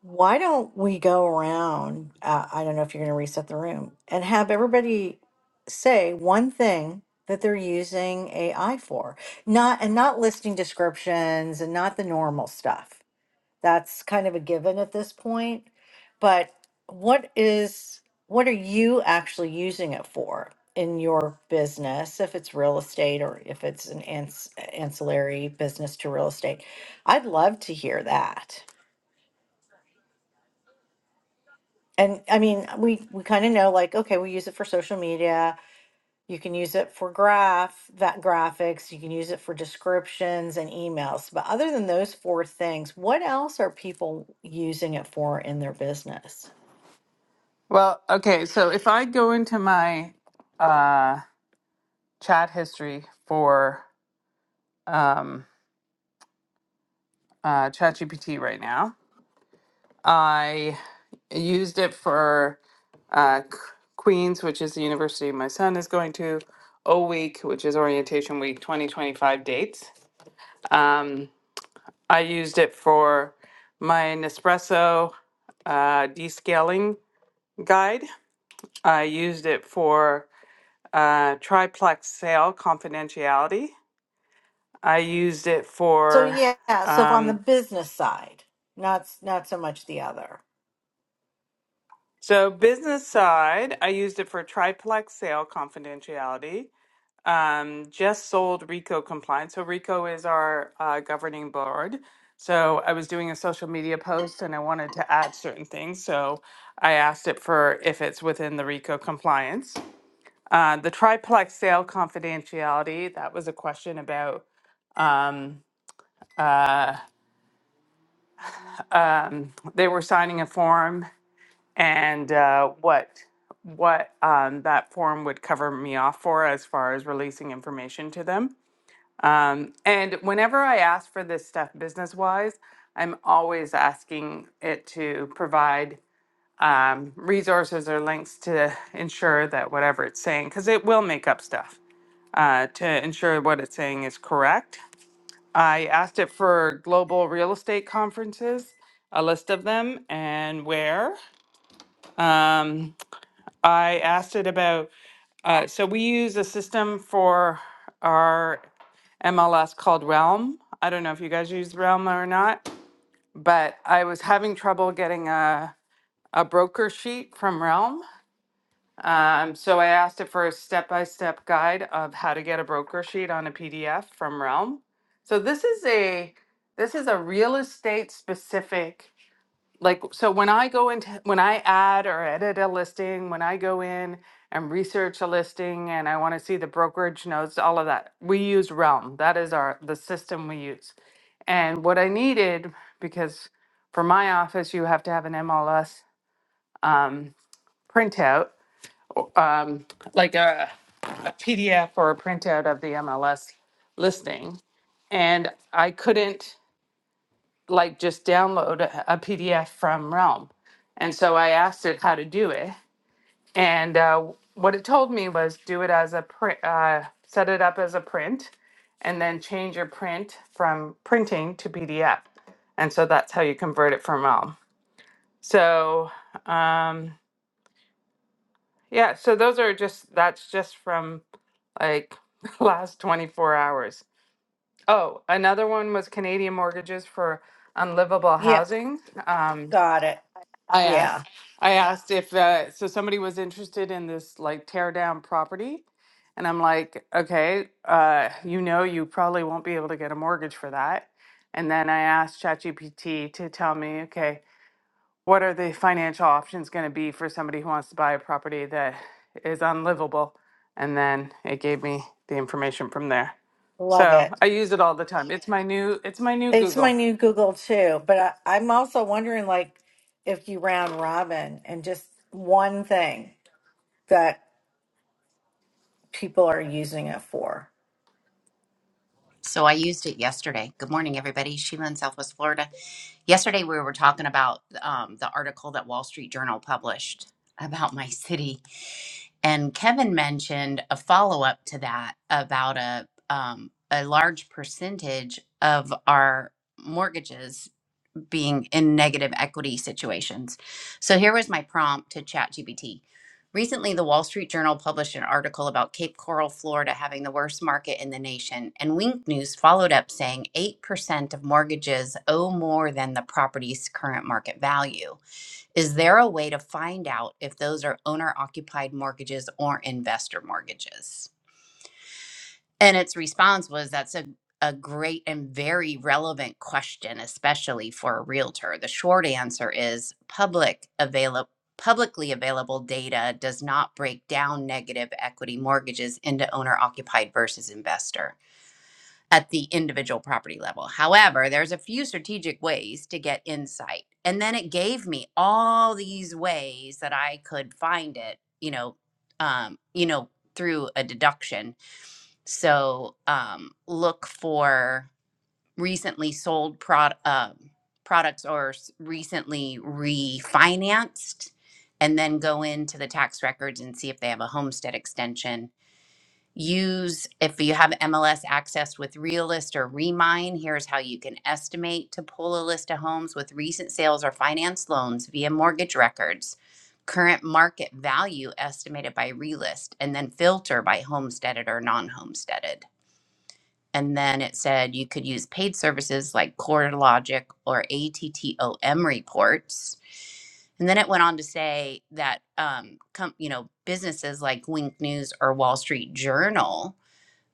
Speaker 5: Why don't we go around? Uh, I don't know if you're going to reset the room and have everybody say one thing that they're using AI for, not and not listing descriptions and not the normal stuff. That's kind of a given at this point. But what is what are you actually using it for in your business? If it's real estate or if it's an ans- ancillary business to real estate, I'd love to hear that. And I mean, we we kind of know like, okay, we use it for social media. You can use it for graph that graphics. You can use it for descriptions and emails. But other than those four things, what else are people using it for in their business?
Speaker 2: Well, okay, so if I go into my uh, chat history for um, uh, ChatGPT right now, I used it for uh, Q- Queens, which is the university my son is going to, O Week, which is orientation week 2025 dates. Um, I used it for my Nespresso uh, descaling guide. I used it for uh, triplex sale confidentiality. I used it
Speaker 5: So
Speaker 2: for,
Speaker 5: yeah, so if on the
Speaker 2: um,
Speaker 5: business side, not s- not so much the other.
Speaker 2: so business side, I used it for triplex sale confidentiality. um, just sold RICO compliance. So RICO is our uh, governing board. So I was doing a social media post and I wanted to add certain things. So I asked it for if it's within the RICO compliance. Uh, the triplex sale confidentiality, that was a question about they were signing a form and uh, what what um, that form would cover me off for as far as releasing information to them. Um, and whenever I ask for this stuff business wise, I'm always asking it to provide um, resources or links to ensure that whatever it's saying, because it will make up stuff uh, to ensure what it's saying is correct. I asked it for global real estate conferences, a list of them, and where. Um, I asked it about, uh, so we use a system for our. MLS called Realm. I don't know if you guys use Realm or not, but I was having trouble getting a, a broker sheet from Realm. Um, so I asked it for a step by step guide of how to get a broker sheet on a PDF from Realm. So this is a this is a real estate specific like so when i go into when i add or edit a listing when i go in and research a listing and i want to see the brokerage notes all of that we use realm that is our the system we use and what i needed because for my office you have to have an mls um, printout um, like a, a pdf or a printout of the mls listing and i couldn't like just download a, PDF from Realm. And so I asked it how to do it. And uh, what it told me was do it as a print, uh, set it up as a print, and then change your print from printing to PDF. And so that's how you convert it from Realm. So, um, yeah, so those are just, that's just from like (laughs) last 24 hours. Oh, another one was Canadian mortgages for unlivable
Speaker 5: Yep,
Speaker 2: housing. Um,
Speaker 5: got it.
Speaker 2: I
Speaker 5: Yeah,
Speaker 2: asked, I asked if, uh, so somebody was interested in this like tear down property. And I'm like, okay, uh, you know, you probably won't be able to get a mortgage for that. And then I asked ChatGPT to tell me, okay, what are the financial options going to be for somebody who wants to buy a property that is unlivable? And then it gave me the information from there.
Speaker 5: love
Speaker 2: So
Speaker 5: it.
Speaker 2: I use it all the time. It's my new, it's my new
Speaker 5: It's my
Speaker 2: Google.
Speaker 5: new Google too. But I, I'm also wondering like if you round robin and just one thing. that. people are using it for.
Speaker 9: So I used it yesterday. Good morning, everybody. Sheila in Southwest Florida. Yesterday, we were talking about um, the article that Wall Street Journal published about my city. And Kevin mentioned a follow up to that about a, um, a large percentage of our mortgages being in negative equity situations. So here was my prompt to ChatGPT. Recently, the Wall Street Journal published an article about Cape Coral, Florida having the worst market in the nation, and Wink News followed up saying 8% of mortgages owe more than the property's current market value. Is there a way to find out if those are owner occupied mortgages or investor mortgages? And its response was that's a, a great and very relevant question, especially for a realtor. The short answer is public available. Publicly available data does not break down negative equity mortgages into owner occupied versus investor at the individual property level. However, there's a few strategic ways to get insight. And then it gave me all these ways that I could find it, you know, um, you know, through a deduction so um, look for recently sold prod, uh, products or s- recently refinanced, and then go into the tax records and see if they have a homestead extension. Use, if you have MLS access with Realist or Remine, here's how you can estimate to pull a list of homes with recent sales or finance loans via mortgage records. Current market value estimated by Realist, and then filter by homesteaded or non homesteaded and then it said you could use paid services like CoreLogic or ATTOM reports. And then it went on to say that, um, com- you know, businesses like Wink News or Wall Street Journal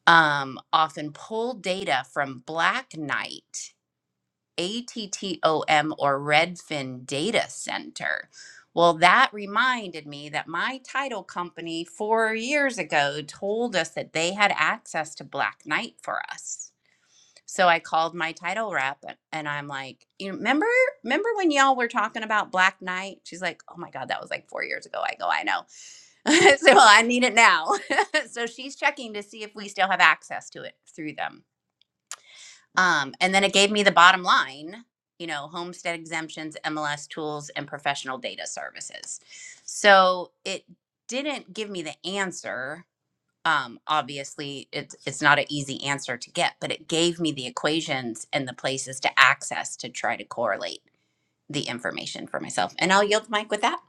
Speaker 9: um, often pull data from Black Knight, ATTOM, or Redfin Data Center. Well, that reminded me that my title company four years ago told us that they had access to Black Knight for us so I called my title rep and and I'm like, you remember, remember when y'all were talking about Black Knight? She's like, oh my God, that was like four years ago. I go, I know. (laughs) I said, "Well, I need it now. (laughs) so she's checking to see if we still have access to it through them. Um, and then it gave me the bottom line, you know, homestead exemptions, MLS tools, and professional data services. So it didn't give me the answer um, obviously it's it's not an easy answer to get, but it gave me the equations and the places to access to try to correlate the information for myself. And I'll yield the mic with that.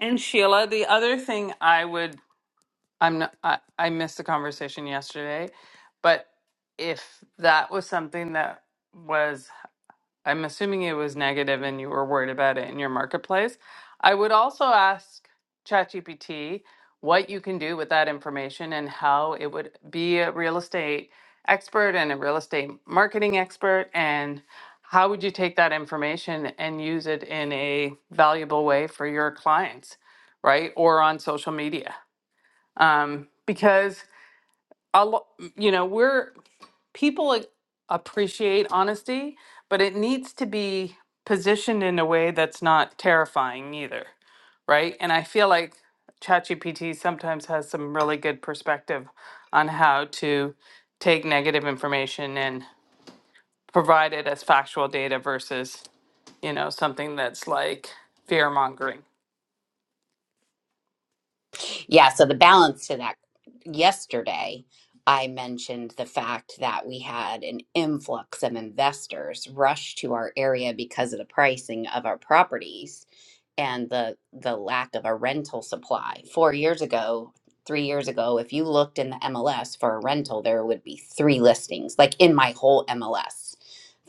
Speaker 2: And Sheila, the other thing I would I'm not, I, I missed the conversation yesterday, but if that was something that was, I'm assuming it was negative and you were worried about it in your marketplace, I would also ask ChatGPT what you can do with that information and how it would be a real estate expert and a real estate marketing expert and how would you take that information and use it in a valuable way for your clients, right? Or on social media um, because a lo- you know we're people a- appreciate honesty, but it needs to be positioned in a way that's not terrifying either, right? And I feel like ChatGPT sometimes has some really good perspective on how to take negative information and provide it as factual data versus you know something that's like fear mongering.
Speaker 9: Yeah, so the balance to that yesterday, I mentioned the fact that we had an influx of investors rush to our area because of the pricing of our properties and the the lack of a rental supply. 4 years ago, 3 years ago, if you looked in the MLS for a rental, there would be 3 listings like in my whole MLS.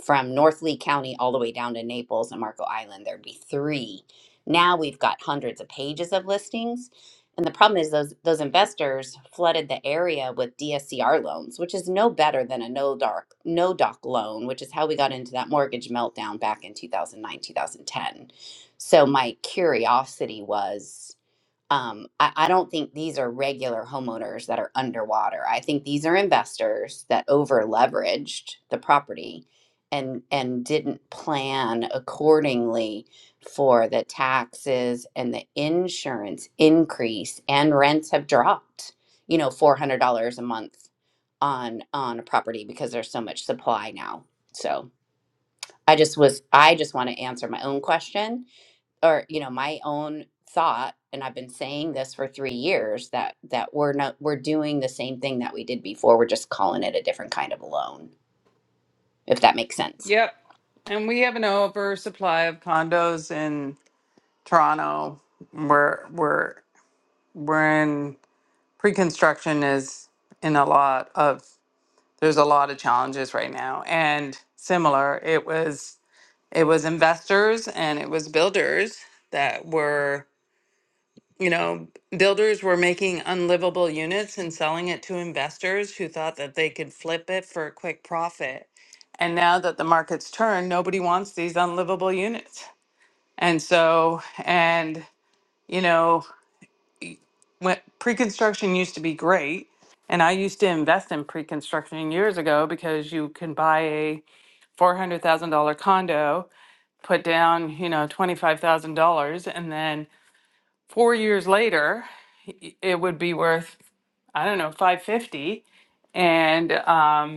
Speaker 9: From North Lee County all the way down to Naples and Marco Island, there'd be 3. Now we've got hundreds of pages of listings. And the problem is those those investors flooded the area with DSCR loans, which is no better than a no doc no doc loan, which is how we got into that mortgage meltdown back in 2009, 2010 so my curiosity was um, I, I don't think these are regular homeowners that are underwater. I think these are investors that over leveraged the property and and didn't plan accordingly for the taxes and the insurance increase and rents have dropped, you know, four hundred dollars a month on on a property because there's so much supply now. So I just was I just want to answer my own question or you know my own thought and i've been saying this for 3 years that that we're not we're doing the same thing that we did before we're just calling it a different kind of loan if that makes sense
Speaker 2: Yep. And we have an oversupply of condos in Toronto. We're we're we're in pre-construction is in a lot of there's a lot of challenges right now. And similar, it was it was investors and it was builders that were you know builders were making unlivable units and selling it to investors who thought that they could flip it for a quick profit. And now that the market's turned, nobody wants these unlivable units. And so and you know when pre-construction used to be great and i used to invest in pre-construction years ago because you can buy a $400000 condo put down you know $25000 and then four years later y- it would be worth i don't know 550 and um,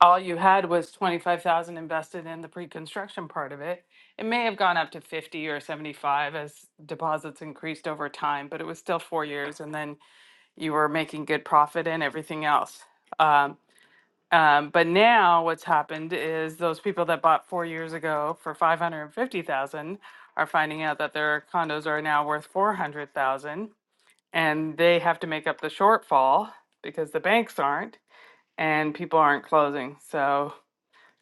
Speaker 2: all you had was 25000 invested in the pre-construction part of it it may have gone up to 50 or 75 as deposits increased over time but it was still four years and then you were making good profit and everything else. Um, um, but now what's happened is those people that bought four years ago for five hundred and fifty thousand are finding out that their condos are now worth four hundred thousand, and they have to make up the shortfall because the banks aren't and people aren't closing. So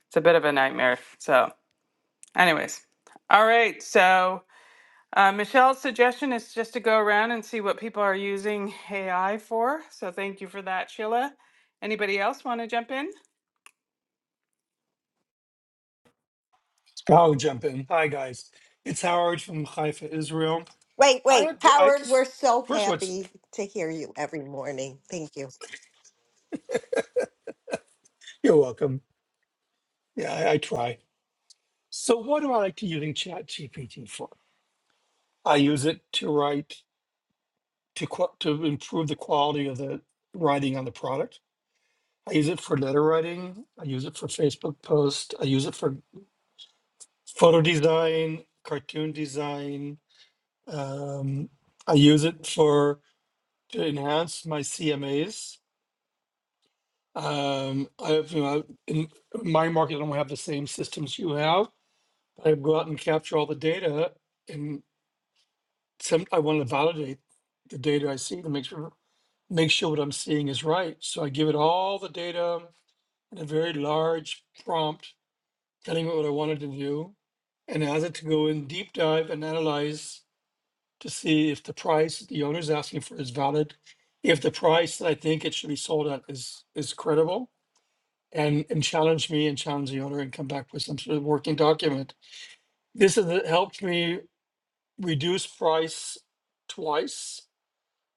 Speaker 2: it's a bit of a nightmare. So, anyways, all right. So uh, Michelle's suggestion is just to go around and see what people are using AI for. So thank you for that, Sheila. Anybody else want to jump in?
Speaker 1: i'll jump in hi guys it's howard from haifa israel
Speaker 7: Wait,
Speaker 1: i
Speaker 7: wait.
Speaker 1: had i
Speaker 7: Howard, we're
Speaker 1: just
Speaker 7: so
Speaker 1: first of all it's-
Speaker 7: happy to hear you every morning. Thank you.
Speaker 1: you're welcome yeah I, I try so what do i like to using chat gpt for i use it to write to qu- to improve the quality of the writing on the product I use it for letter writing. I use it for Facebook post. I use it for photo design, cartoon design. Um, I use it for to enhance my CMAs. Um, I have, you know, in my market, I don't have the same systems you have. I go out and capture all the data, and some I want to validate the data I see to make sure make sure what I'm seeing is right. So I give it all the data in a very large prompt telling me what I wanted to do, and asked it to go in deep dive and analyze to see if the price the owner is asking for is valid, if the price that I think it should be sold at is is credible, and and challenge me and challenge the owner and come back with some sort of working document. This has helped me reduce price twice.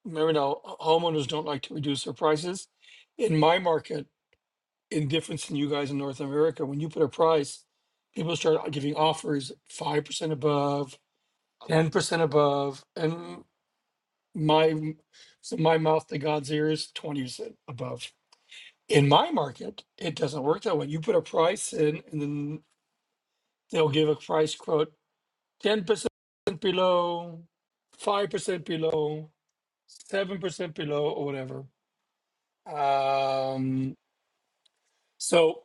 Speaker 1: Remember now, homeowners don't like to reduce their prices. In my market, indifference than you guys in North America. When you put a price, people start giving offers five percent above, ten percent above, and my so my mouth to God's ears, twenty percent above. In my market, it doesn't work that way. You put a price in, and then they'll give a price quote ten percent below, five percent below, seven percent below, or whatever. Um, so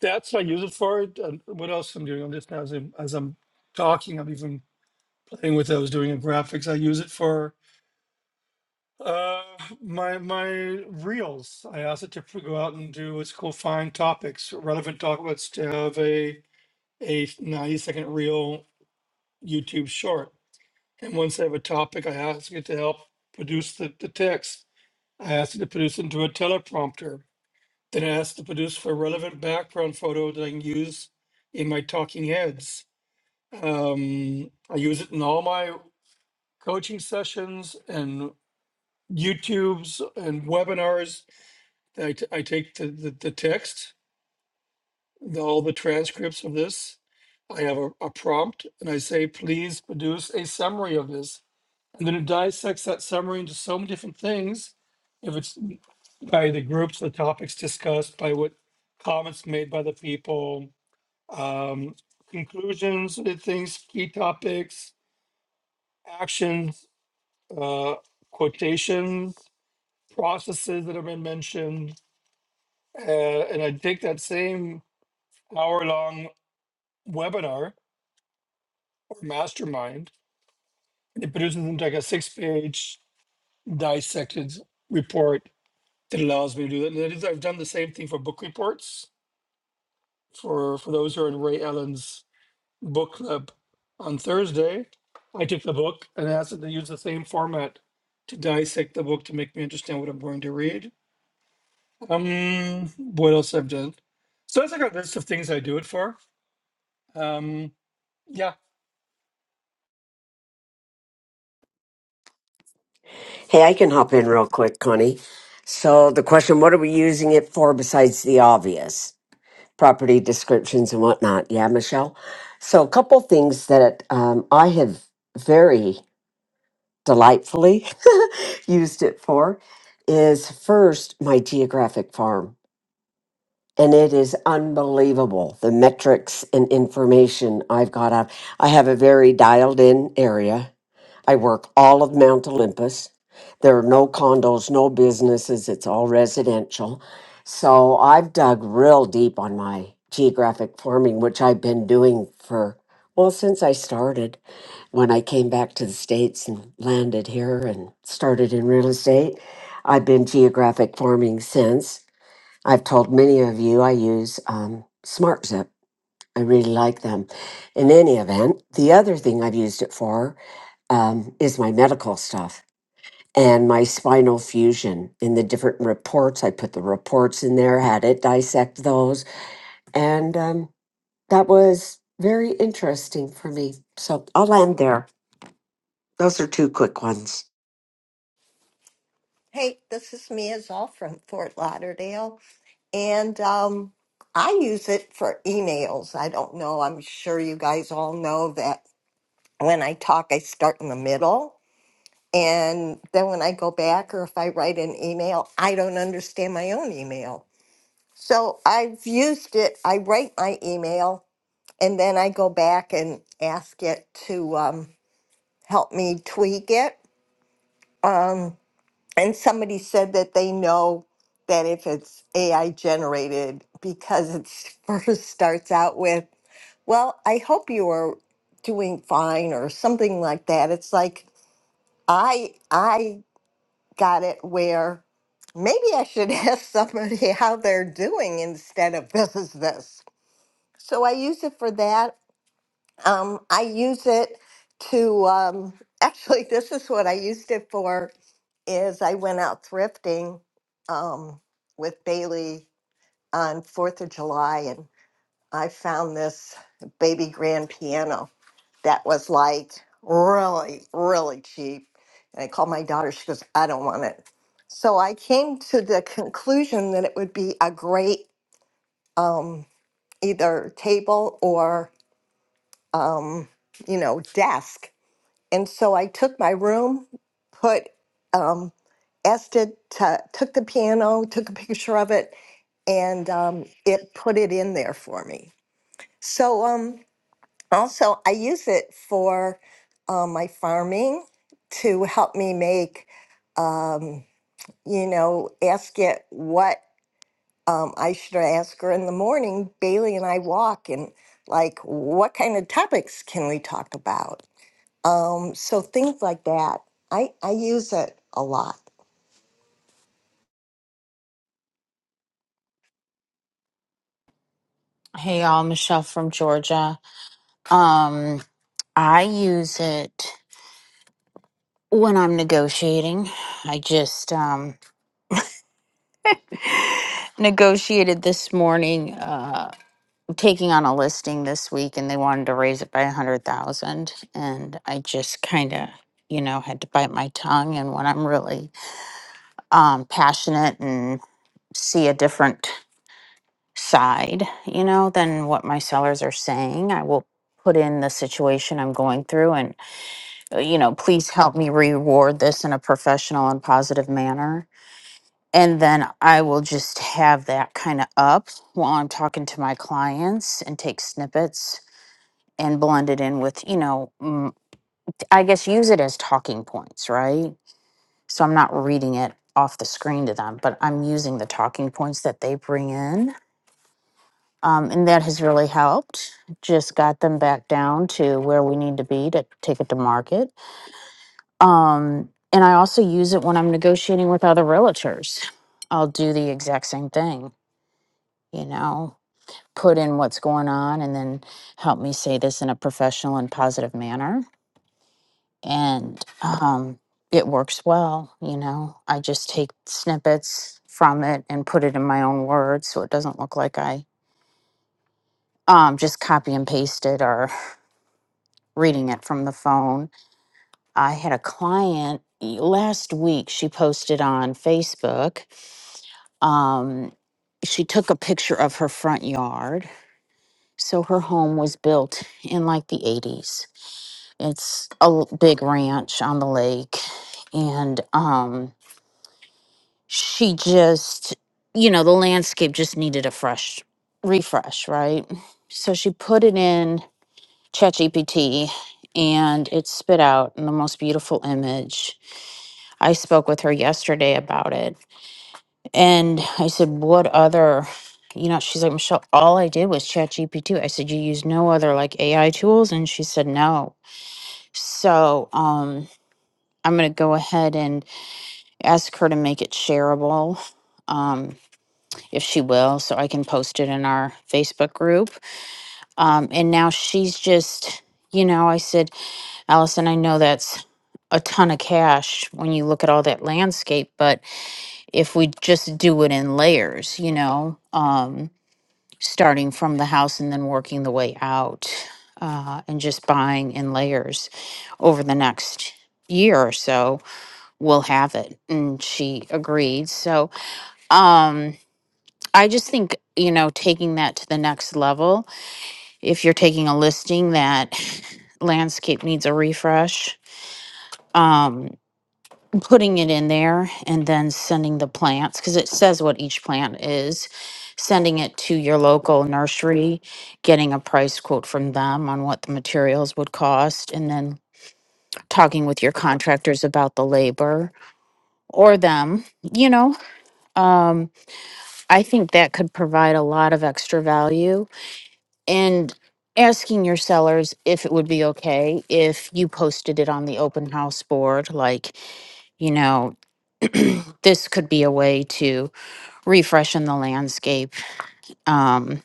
Speaker 1: that's what I use it for. And what else I'm doing? I'm just as I'm, as I'm talking, I'm even playing with it. I was doing a graphics. I use it for uh my my reels. I asked it to p- go out and do what's called find topics, relevant topics to have a a 90 second reel YouTube short. And once I have a topic, I ask it to help produce the, the text. I ask it to produce into a teleprompter. Then I ask it to produce for relevant background photo that I can use in my talking heads Um, I use it in all my coaching sessions and YouTubes and webinars. I, t- I take the, the, the text, the, all the transcripts of this. I have a, a prompt and I say, please produce a summary of this. And then it dissects that summary into so many different things. If it's by the groups, the topics discussed, by what comments made by the people, um, conclusions, the things, key topics, actions uh, quotations, processes that have been mentioned. Uh, and I take that same hour long webinar or mastermind, and it produces into like a six page dissected report that allows me to do that. And that is, I've done the same thing for book reports for, for those who are in Ray Allen's book club on Thursday. I took the book and asked them to use the same format to dissect the book to make me understand what I'm going to read Um, what else I've done? So that's like a list of things I do it for. Um, yeah.
Speaker 4: Hey, I can hop in real quick, Connie. So the question, what are we using it for besides the obvious? property descriptions and whatnot. Yeah, Michelle. So a couple things that um, I have very delightfully (laughs) used it for is first my geographic farm. And it is unbelievable the metrics and information I've got out. I have a very dialed in area I work all of Mount Olympus. There are no condos, no businesses. It's all residential. So I've dug real deep on my geographic farming, which I've been doing for, well, since I started when I came back to the States and landed here and started in real estate. I've been geographic farming since. I've told many of you I use um, SmartZip I really like them. In any event, the other thing I've used it for um, is my medical stuff and my spinal fusion in the different reports. I put the reports in there, had it dissect those, and um, that was very interesting for me. So I'll end there. Those are two quick ones.
Speaker 7: Hey, this is me as from Fort Lauderdale. And um, I use it for emails. I don't know. I'm sure you guys all know that when I talk, I start in the middle. And then when I go back or if I write an email, I don't understand my own email. So I've used it. I write my email and then I go back and ask it to um, help me tweak it. Um, and somebody said that they know that if it's AI generated, because it (laughs) first starts out with, well, I hope you are doing fine or something like that. It's like, I, I got it where maybe I should (laughs) ask somebody how they're doing instead of this is this. So I use it for that. Um, I use it to um, (laughs) actually. This is what I used it for. Is I went out thrifting um, with Bailey on Fourth of July, and I found this baby grand piano that was like really, really cheap. And I called my daughter. She goes, "I don't want it." So I came to the conclusion that it would be a great um, either table or um, you know, desk. And so I took my room, put um, Ested to, took the piano, took a picture of it, and um, it put it in there for me. So um, also, I use it for um, my farming to help me make, um, you know, ask it what um, I should ask her in the morning. Bailey and I walk and like, what kind of topics can we talk about? Um, so things like that, I I use it a lot.
Speaker 10: Hey, y'all, Michelle from Georgia. Um, I use it when I'm negotiating. I just um, negotiated this morning, uh, taking on a listing this week, and they wanted to raise it by a hundred thousand, and I just kind of, you know, had to bite my tongue. And when I'm really um, passionate and see a different side, you know, than what my sellers are saying, I will put in the situation I'm going through uh, you know, please help me reward this in a professional and positive manner. And then I will just have that kind of up while I'm talking to my clients and take snippets and blend it in with, you know, mm, I guess use it as talking points, right? So I'm not reading it off the screen to them, but I'm using the talking points that they bring in. Um, and that has really helped. Just got them back down to where we need to be to take it to market Um, and I also use it when I'm negotiating with other realtors. I'll do the exact same thing, you know, put in what's going on and then help me say this in a professional and positive manner. And um, it works well, you know. I just take snippets from it and put it in my own words so it doesn't look like I um, just copy and paste it or (laughs) reading it from the phone. I had a client y- last week, she posted on Facebook Um, she took a picture of her front yard. So her home was built in like the 80s. It's a l- big ranch on the lake. And um, she just, you know, the landscape just needed a fresh refresh, right? So she put it in ChatGPT and it spit out the most beautiful image. I spoke with her yesterday about it And I said, What other, you know, she's like, Michelle, all I did was chat gp I said, You use no other like AI tools? And she said, No. So um, I'm going to go ahead and ask her to make it shareable. Um, if she will, so I can post it in our Facebook group. Um, and now she's just, you know, I said, Allison, I know that's a ton of cash when you look at all that landscape, but if we just do it in layers, you know, um, starting from the house and then working the way out uh, and just buying in layers over the next year or so we'll have it and she agreed so um i just think you know taking that to the next level if you're taking a listing that (sighs) landscape needs a refresh um, putting it in there and then sending the plants because it says what each plant is sending it to your local nursery getting a price quote from them on what the materials would cost and then talking with your contractors about the labor or them you know um, i think that could provide a lot of extra value and asking your sellers if it would be okay if you posted it on the open house board like you know this could be a way to refreshing the landscape, um,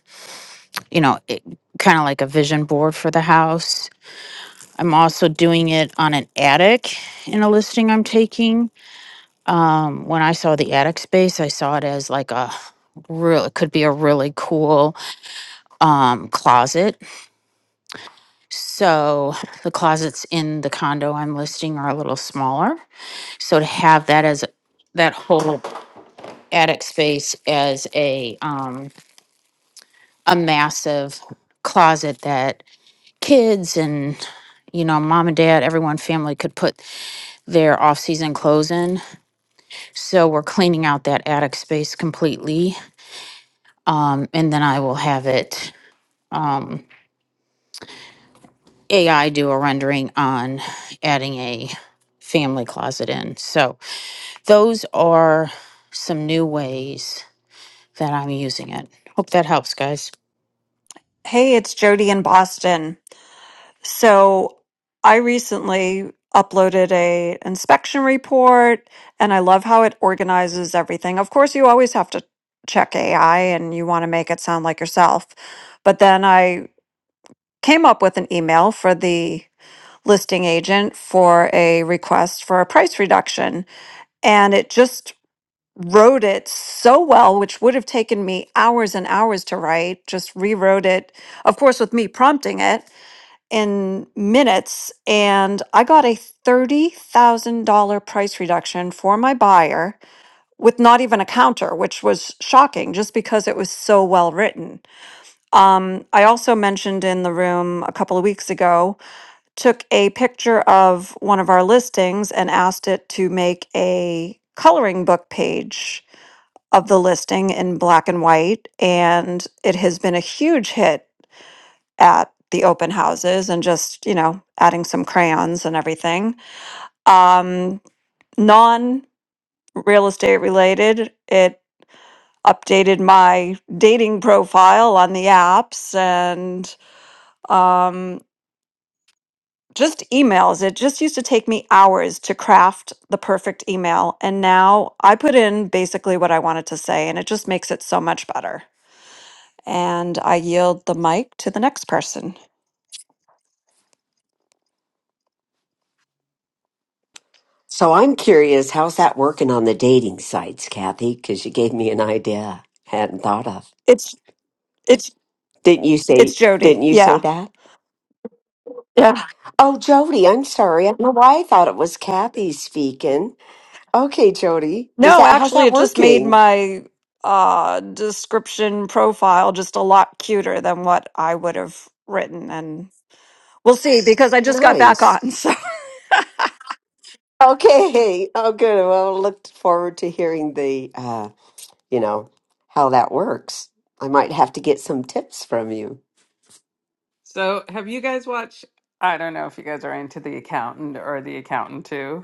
Speaker 10: you know, it, kind of like a vision board for the house. I'm also doing it on an attic in a listing I'm taking. Um, when I saw the attic space, I saw it as like a real, it could be a really cool um, closet. So the closets in the condo I'm listing are a little smaller. So to have that as that whole attic space as a um, a massive closet that kids and you know mom and dad everyone family could put their off-season clothes in so we're cleaning out that attic space completely um, and then i will have it um, ai do a rendering on adding a family closet in so those are some new ways that i'm using it hope that helps guys
Speaker 11: Hey, it's Jody in Boston. So I recently uploaded a inspection report and I love how it organizes everything. Of course, you always have to check AI and you want to make it sound like yourself. But then I came up with an email for the listing agent for a request for a price reduction and it just wrote it so well, which would have taken me hours and hours to write, just rewrote it, of course, with me prompting it in minutes and I got a $30,000 price reduction for my buyer with not even a counter, which was shocking just because it was so well written. Um, I also mentioned in the room a couple of weeks ago, took a picture of one of our listings and asked it to make a coloring book page of the listing in black and white. And it has been a huge hit at the open houses and just, you know, adding some crayons and everything. Um, non real estate related, it updated my dating profile on the apps and um, just emails. It just used to take me hours to craft the perfect email. And now I put in basically what I wanted to say, and it just makes it so much better. And I yield the mic to the next person.
Speaker 4: So I'm curious, how's that working on the dating sites, Kathy? Because you gave me an idea I hadn't thought of.
Speaker 11: It's, it's,
Speaker 4: Didn't you say?
Speaker 11: it's
Speaker 4: Didn't
Speaker 11: Jody.
Speaker 4: you say
Speaker 11: Yeah.
Speaker 4: that?
Speaker 11: Yeah.
Speaker 4: Oh, Jody, I'm sorry. I don't know why I thought it was Kathy speaking. Okay, Jody, is
Speaker 11: No,
Speaker 4: that how's
Speaker 11: actually,
Speaker 4: that
Speaker 11: it just made
Speaker 4: working?
Speaker 11: my uh, description profile just a lot cuter than what I would have written. And we'll see because I just got back
Speaker 4: Nice.
Speaker 11: on. (laughs) So
Speaker 4: Okay. Oh, good. Well, look forward to hearing the, uh, you know, how that works. I might have to get some tips from you.
Speaker 2: So have you guys watched? I don't know if you guys are into The Accountant or The Accountant 2,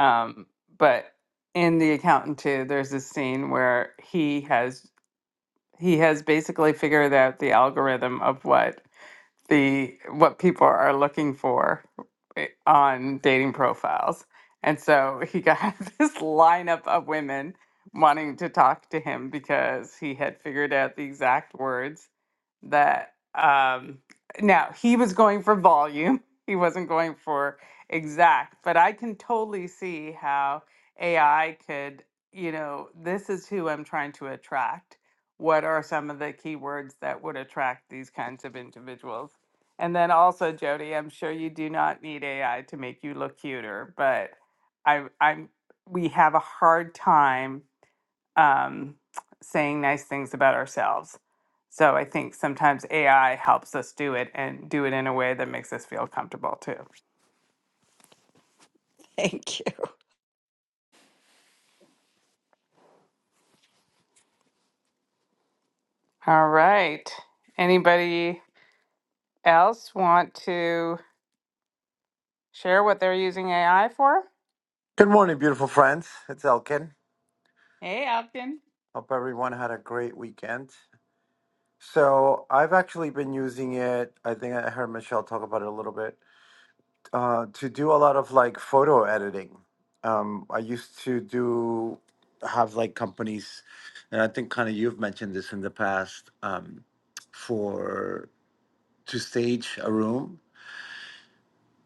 Speaker 2: um, but in The Accountant 2, there's this scene where he has he has basically figured out the algorithm of what the what people are looking for i- on dating profiles. And so he got (laughs) this lineup of women wanting to talk to him because he had figured out the exact words that um now he was going for volume. (laughs) He wasn't going for exact, but I can totally see how AI could, you know, this is who I'm trying to attract. What are some of the keywords that would attract these kinds of individuals? And then also, Jody, I'm sure you do not need AI to make you look cuter, but I, I'm we have a hard time um, saying nice things about ourselves. So I think sometimes AI helps us do it and do it in a way that makes us feel comfortable too.
Speaker 11: thank you.
Speaker 2: All right. Anybody else want to share what they're using AI for?
Speaker 12: Good morning, beautiful friends. It's Elkin.
Speaker 2: Hey, Elkin.
Speaker 12: Hope everyone had a great weekend. So, I've actually been using it. I think I heard Michelle talk about it a little bit uh, to do a lot of like photo editing. Um, I used to do have like companies, and I think kind of you've mentioned this in the past um, for to stage a room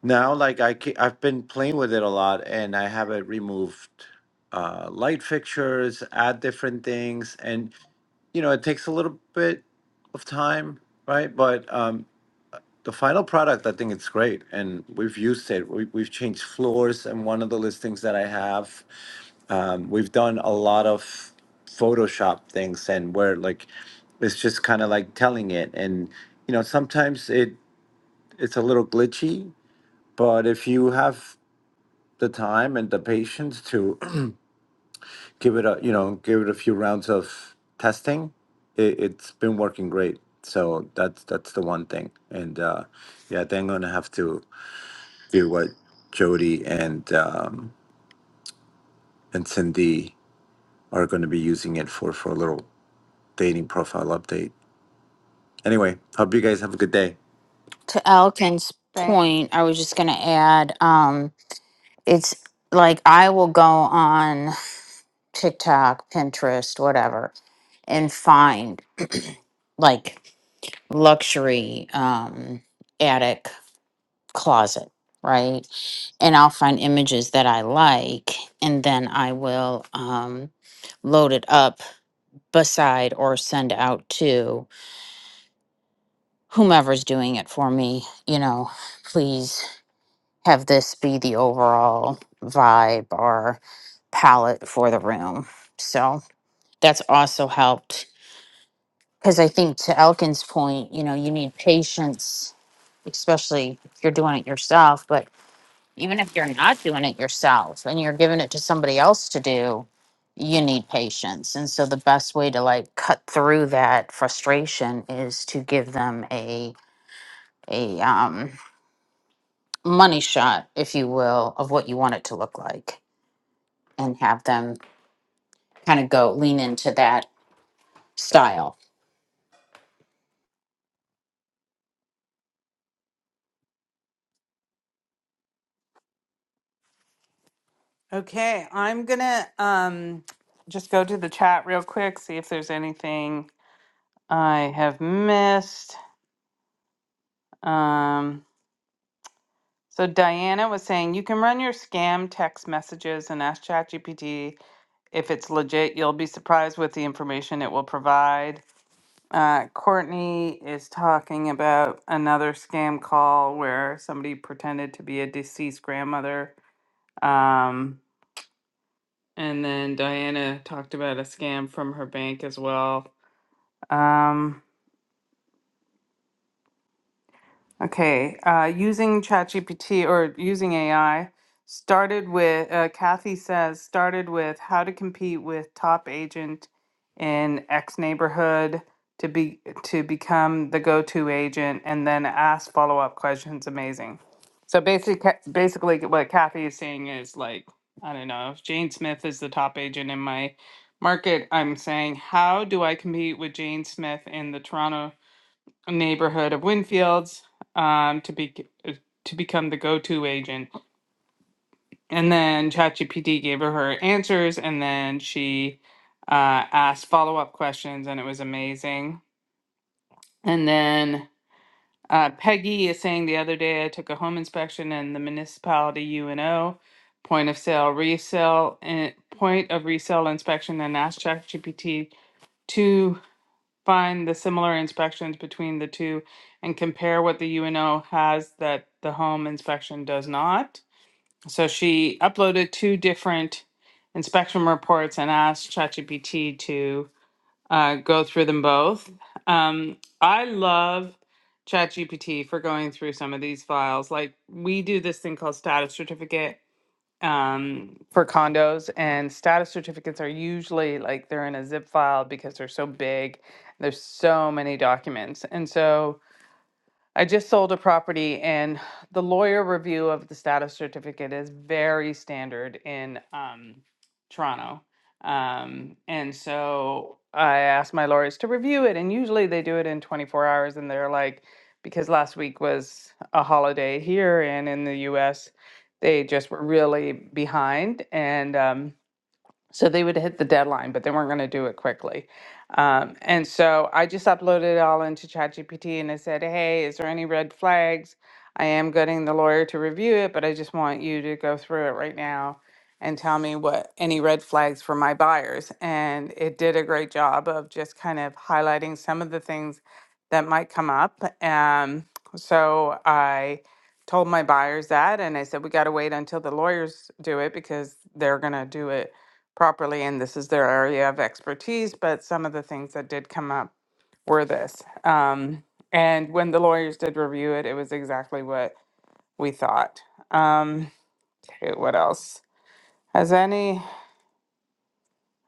Speaker 12: Now, like I, ke- I've been playing with it a lot, and I have it removed uh, light fixtures, add different things, and you know it takes a little bit of time, right? But um, the final product, I think it's great, and we've used it. We, we've changed floors, and one of the listings that I have, um, we've done a lot of Photoshop things, and where like it's just kind of like telling it, and you know sometimes it it's a little glitchy but if you have the time and the patience to (clears throat) give it a, you know, give it a few rounds of testing, it, it's been working great. So that's that's the one thing. And uh, yeah, I think I'm gonna have to do what Jody and um, and Cindy are gonna be using it for for a little dating profile update. Anyway, hope you guys have a good day.
Speaker 10: to alkin's
Speaker 2: Thank
Speaker 10: point i was just going to add um, it's like i will go on TikTok, Pinterest, whatever, and find (clears throat) like luxury um attic closet, right? And I'll find images that I like and then I will um load it up beside or send out to whomever's doing it for me, you know, please have this be the overall vibe or palette for the room. So that's also helped Because I think to Elkin's point, you know, you need patience, especially if you're doing it yourself. But even if you're not doing it yourself and you're giving it to somebody else to do, you need patience. And so the best way to like cut through that frustration is to give them a a um, money shot, if you will, of what you want it to look like, and have them kind of go lean into that style
Speaker 2: Okay, I'm gonna um just go to the chat real quick, see if there's anything I have missed. Um, so Diana was saying you can run your scam text messages and ask ChatGPT if it's legit. You'll be surprised with the information it will provide. Uh, Courtney is talking about another scam call where somebody pretended to be a deceased grandmother. Um, and then Diana talked about a scam from her bank as well. Um, okay, uh, using ChatGPT or using AI started with, uh, Kathy says, started with how to compete with top agent in X neighborhood to be to become the go-to agent and then ask follow-up questions. Amazing. So basically, basically what Kathy is saying is like, I don't know, if Jane Smith is the top agent in my market, I'm saying, how do I compete with Jane Smith in the Toronto neighborhood of Winfield's um, to be uh, to become the go-to agent. And then ChatGPT gave her her answers, and then she uh, asked follow-up questions, and it was amazing. And then uh, Peggy is saying the other day I took a home inspection in the municipality UNO point of sale resale and point of resale inspection and asked ChatGPT to. find the similar inspections between the two and compare what the UNO has that the home inspection does not. So she uploaded two different inspection reports and asked ChatGPT to uh, go through them both. Um, I love ChatGPT for going through some of these files. Like we do this thing called status certificate um, for condos, and status certificates are usually like they're in a zip file because they're so big. There's so many documents, and so I just sold a property and the lawyer review of the status certificate is very standard in um, Toronto. Um, and so I asked my lawyers to review it, and usually they do it in 24 hours. And they're like, because last week was a holiday here and in the US, they just were really behind. And um, so they would hit the deadline, but they weren't going to do it quickly. Um, and so I just uploaded it all into ChatGPT and I said, hey, is there any red flags? I am getting the lawyer to review it, but I just want you to go through it right now and tell me what any red flags for my buyers. And it did a great job of just kind of highlighting some of the things that might come up. Um, so I told my buyers that and I said, we got to wait until the lawyers do it because they're going to do it properly and this is their area of expertise, but some of the things that did come up were this. Um, and when the lawyers did review it, it was exactly what we thought. Um, okay, what else? Has any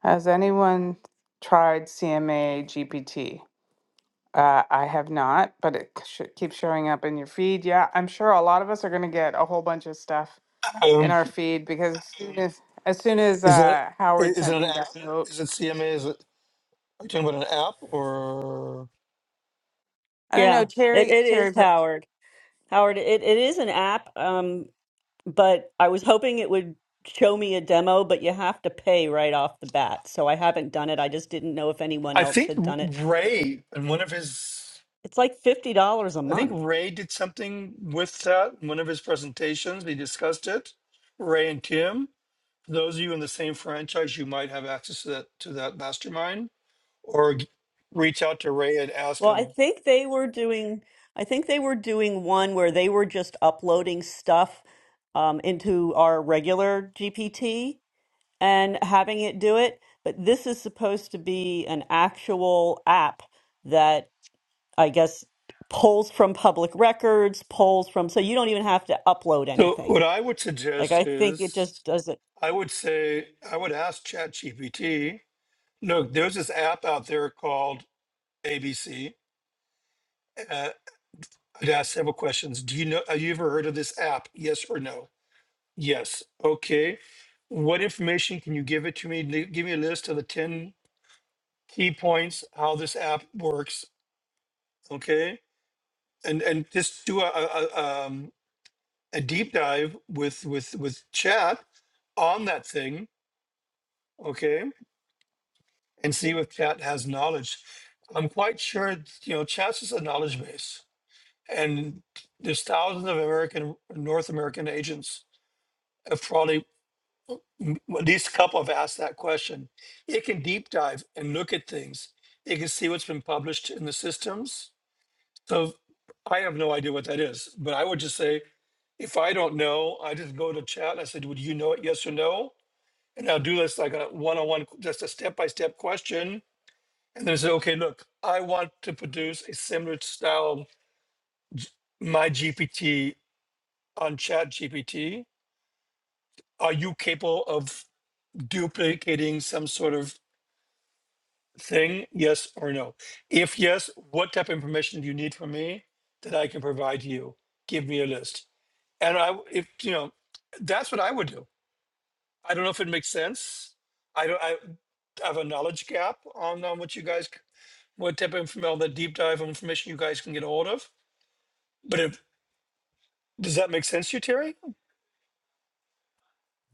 Speaker 2: has anyone tried CMA GPT? Uh, I have not, but it sh- keeps showing up in your feed. Yeah, I'm sure a lot of us are going to get a whole bunch of stuff in
Speaker 1: Um,
Speaker 2: our feed because as soon as, as, soon as
Speaker 1: is it
Speaker 2: uh,
Speaker 1: i-
Speaker 2: Howard
Speaker 1: is it
Speaker 2: sent
Speaker 1: an
Speaker 2: me that
Speaker 1: app?
Speaker 2: note,
Speaker 1: Is it CMA? Is it are you talking about an app or?
Speaker 2: I don't
Speaker 3: Yeah,
Speaker 2: know,
Speaker 3: it,
Speaker 2: Terry.
Speaker 3: it is
Speaker 2: Terry
Speaker 3: Howard. Howard, it, it is an app, um, but I was hoping it would show me a demo, but you have to pay right off the bat. So I haven't done it. I just didn't know if anyone
Speaker 1: I
Speaker 3: else
Speaker 1: think
Speaker 3: had done it.
Speaker 1: Ray and one of his.
Speaker 3: It's like fifty dollars a
Speaker 1: I think
Speaker 3: month.
Speaker 1: Ray did something with that in one of his presentations. We discussed it. Ray and Tim. For those of you in the same franchise, you might have access to that to that mastermind, or g- reach out to Ray and ask
Speaker 3: Well, I
Speaker 1: him
Speaker 3: think they were doing. I think they were doing one where they were just uploading stuff um, into our regular GPT and having it do it. But this is supposed to be an actual app that. I guess, polls from public records, polls from, so you don't even have to upload
Speaker 1: So
Speaker 3: anything.
Speaker 1: what I would
Speaker 3: Like,
Speaker 1: suggest
Speaker 3: I think it
Speaker 1: is
Speaker 3: just does it.
Speaker 1: I would say I would ask ChatGPT. Look, there's this app out there called ABC. Uh, I'd ask several questions. Do you know? Have you ever heard of this app? Yes or no? Yes. Okay. What information can you give it to me? Li- Give me a list of the ten key points how this app works. Okay, and and just do a a, a, um, a deep dive with with with chat on that thing. Okay and see if chat has knowledge. I'm quite sure, you know, Chat is a knowledge base, and there's thousands of American, North American agents have probably m- at least a couple have asked that question. It can deep dive and look at things. It can see what's been published in the systems. So I have no idea what that is, but I would just say if I don't know, I just go to chat and I said, "Would you know it? Yes or no?" And I'll do this like a one-on-one, just a step-by-step question and then say, okay, look, I want to produce a similar style my GPT on Chat GPT. Are you capable of duplicating some sort of thing? Yes or no? If yes, what type of information do you need from me that I can provide you? Give me a list. And I, if you know, that's what I would do. I don't know if it makes sense. I don't. I have a knowledge gap on, on what you guys, what type of information, the deep dive of information you guys can get a hold of. But if Does that make sense to you, Terry?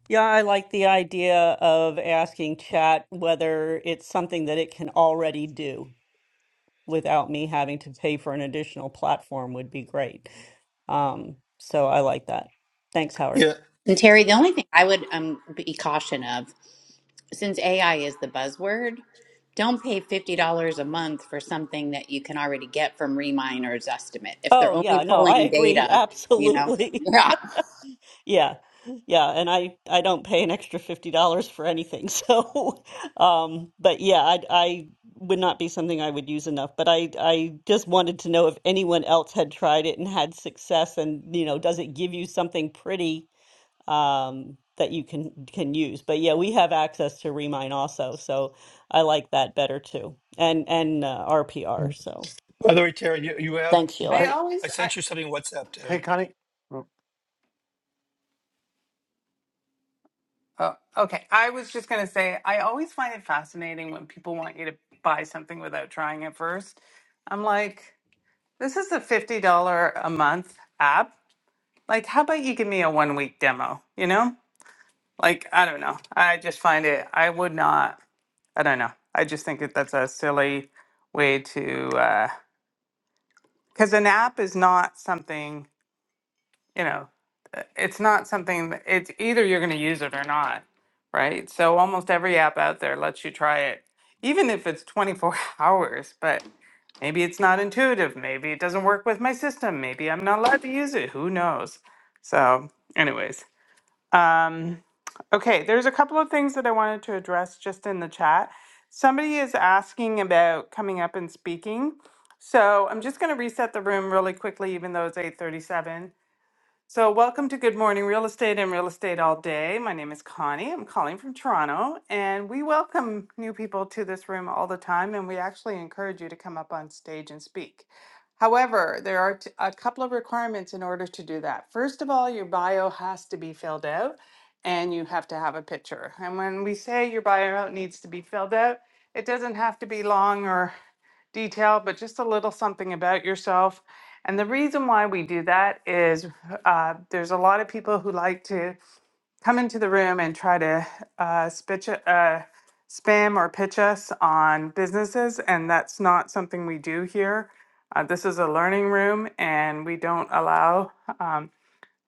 Speaker 3: Yeah, I like the idea of asking chat whether it's something that it can already do without me having to pay for an additional platform would be great. Um, so I like that. Thanks, Howard.
Speaker 1: Yeah.
Speaker 9: and terry the only thing i would um be caution of since ai is the buzzword don't pay $50 a month for something that you can already get from reminer's estimate if they're
Speaker 3: Oh,
Speaker 9: only
Speaker 3: yeah, no, I
Speaker 9: pulling
Speaker 3: agree. (laughs)
Speaker 9: data you know
Speaker 3: Absolutely.
Speaker 9: (laughs) yeah
Speaker 3: Yeah. Yeah, and I I don't pay an extra $50 for anything. (laughs) So um but yeah, I I would not be something I would use enough, but I I just wanted to know if anyone else had tried it and had success and you know, does it give you something pretty um that you can can use. But yeah, we have access to Remine also, so I like that better too. And and uh, RPR, so
Speaker 1: By the way, Terry, you, you have
Speaker 3: thanks,
Speaker 2: I
Speaker 3: Sheila.
Speaker 12: Hey,
Speaker 1: I
Speaker 2: always, I,
Speaker 1: sent you something on WhatsApp,
Speaker 12: hey,
Speaker 1: Terry.
Speaker 12: Connie. Oh,
Speaker 2: oh, okay. I was just going to say, I always find it fascinating when people want you to buy something without trying it first. I'm like, this is a $50 a month app. Like, how about you give me a one week demo? You know, like, I don't know. I just find it, I would not, I don't know. I just think that that's a silly way to, because an app is not something. you know, uh, it's not something that it's either you're going to use it or not, right? So almost every app out there lets you try it, even if it's 24 (laughs) hours, but maybe it's not intuitive. Maybe it doesn't work with my system. Maybe I'm not allowed to use it. Who knows? So, anyways, um, okay, there's a couple of things that I wanted to address just in the chat. Somebody is asking about coming up and speaking. So I'm just going to reset the room really quickly, even though it's 8:37 so, welcome to Good Morning Real Estate and Real Estate All Day. My name is Connie. I'm calling from Toronto, and we welcome new people to this room all the time, and we actually encourage you to come up on stage and speak. However, there are t- a couple of requirements in order to do that. First of all, your bio has to be filled out, and you have to have a picture. And when we say your bio needs to be filled out, it doesn't have to be long or detail, but just a little something about yourself. And the reason why we do that is uh, there's a lot of people who like to come into the room and try to uh, spitch, uh, spam or pitch us on businesses, and that's not something we do here. Uh, this is a learning room, and we don't allow um,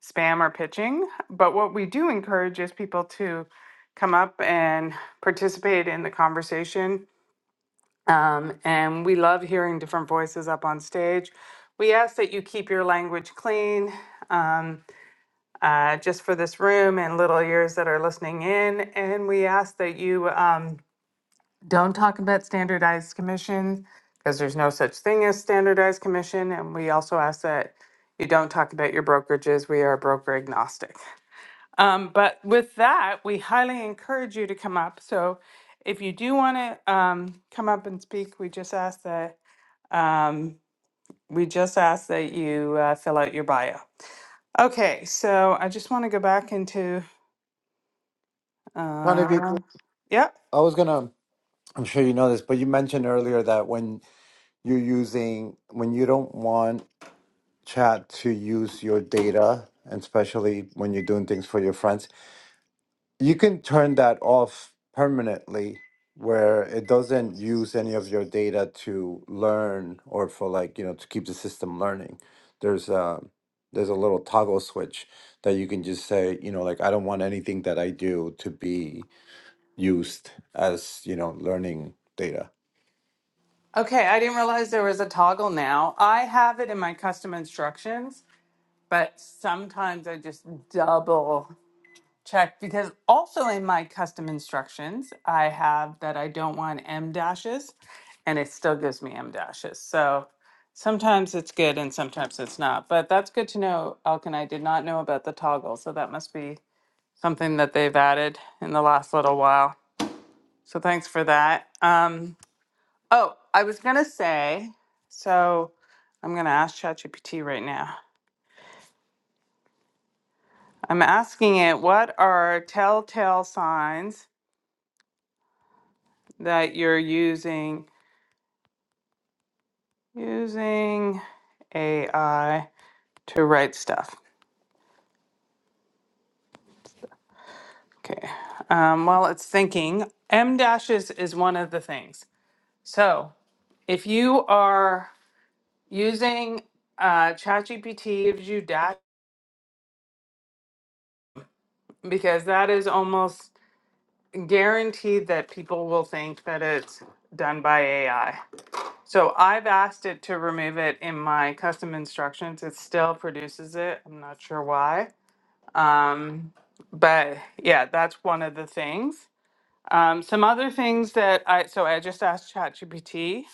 Speaker 2: spam or pitching. But what we do encourage is people to come up and participate in the conversation um, and we love hearing different voices up on stage. We ask that you keep your language clean um, uh, just for this room and little ears that are listening in. And we ask that you um, don't talk about standardized commissions because there's no such thing as standardized commission. And we also ask that you don't talk about your brokerages. We are broker agnostic. Um, but with that, we highly encourage you to come up. So if you do want to um, come up and speak, we just ask that um, we just ask that you uh, fill out your bio. Okay, so I just want to go back into.
Speaker 12: Connie, if you,
Speaker 2: Um, yep.
Speaker 12: I was gonna. I'm sure you know this, but you mentioned earlier that when you're using when you don't want chat to use your data, and especially when you're doing things for your friends, you can turn that off permanently where it doesn't use any of your data to learn or for like, you know, to keep the system learning. There's a there's a little toggle switch that you can just say, you know, like I don't want anything that I do to be used as, you know, learning data.
Speaker 2: Okay, I didn't realize there was a toggle now. I have it in my custom instructions, but sometimes I just double. check because also in my custom instructions, I have that I don't want M dashes and it still gives me M dashes. So sometimes it's good and sometimes it's not. But that's good to know, Elkin. I did not know about the toggle. So that must be something that they've added in the last little while. So thanks for that. Um, oh, I was going to say, so I'm going to ask ChatGPT right now. I'm asking it, what are telltale signs that you're using Using AI to write stuff. Okay. Um, while it's thinking, M dashes is one of the things. So if you are using uh, ChatGPT, gives you dash because that is almost guaranteed that people will think that it's done by AI. So I've asked it to remove it in my custom instructions. It still produces it. I'm not sure why Um, but yeah, that's one of the things. Um, some other things that I so I just asked ChatGPT.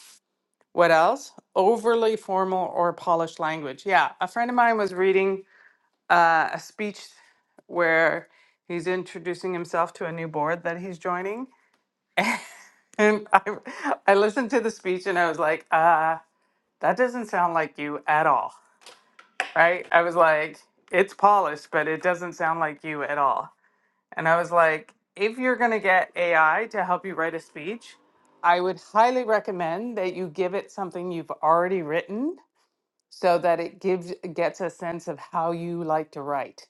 Speaker 2: What else? Overly formal or polished language. Yeah, a friend of mine was reading uh, a speech where he's introducing himself to a new board that he's joining, (laughs) and I I listened to the speech and I was like, uh, that doesn't sound like you at all, right? I was like, it's polished, but it doesn't sound like you at all And I was like, if you're going to get AI to help you write a speech, I would highly recommend that you give it something you've already written so that it gives gets a sense of how you like to write,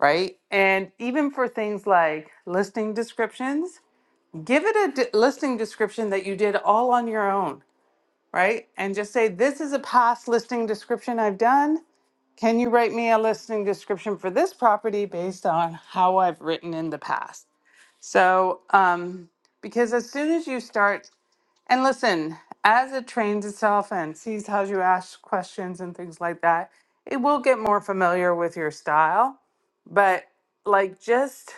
Speaker 2: right? And even for things like listing descriptions, give it a d- listing description that you did all on your own, right? And just say this is a past listing description I've done. Can you write me a listing description for this property based on how I've written in the past? So, um, because as soon as you start, and listen, as it trains itself and sees how you ask questions and things like that, it will get more familiar with your style. But like, just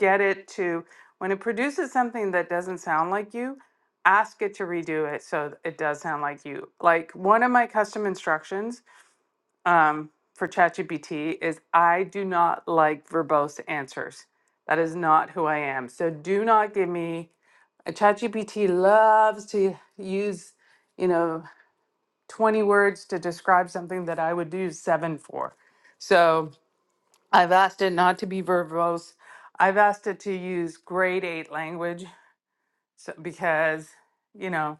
Speaker 2: get it to when it produces something that doesn't sound like you, ask it to redo it so it does sound like you. Like, one of my custom instructions um, for ChatGPT is I do not like verbose answers. That is not who I am. So do not give me a ChatGPT loves to use, you know, 20 words to describe something that I would use seven for. So I've asked it not to be verbose. I've asked it to use grade eight language so, because, you know,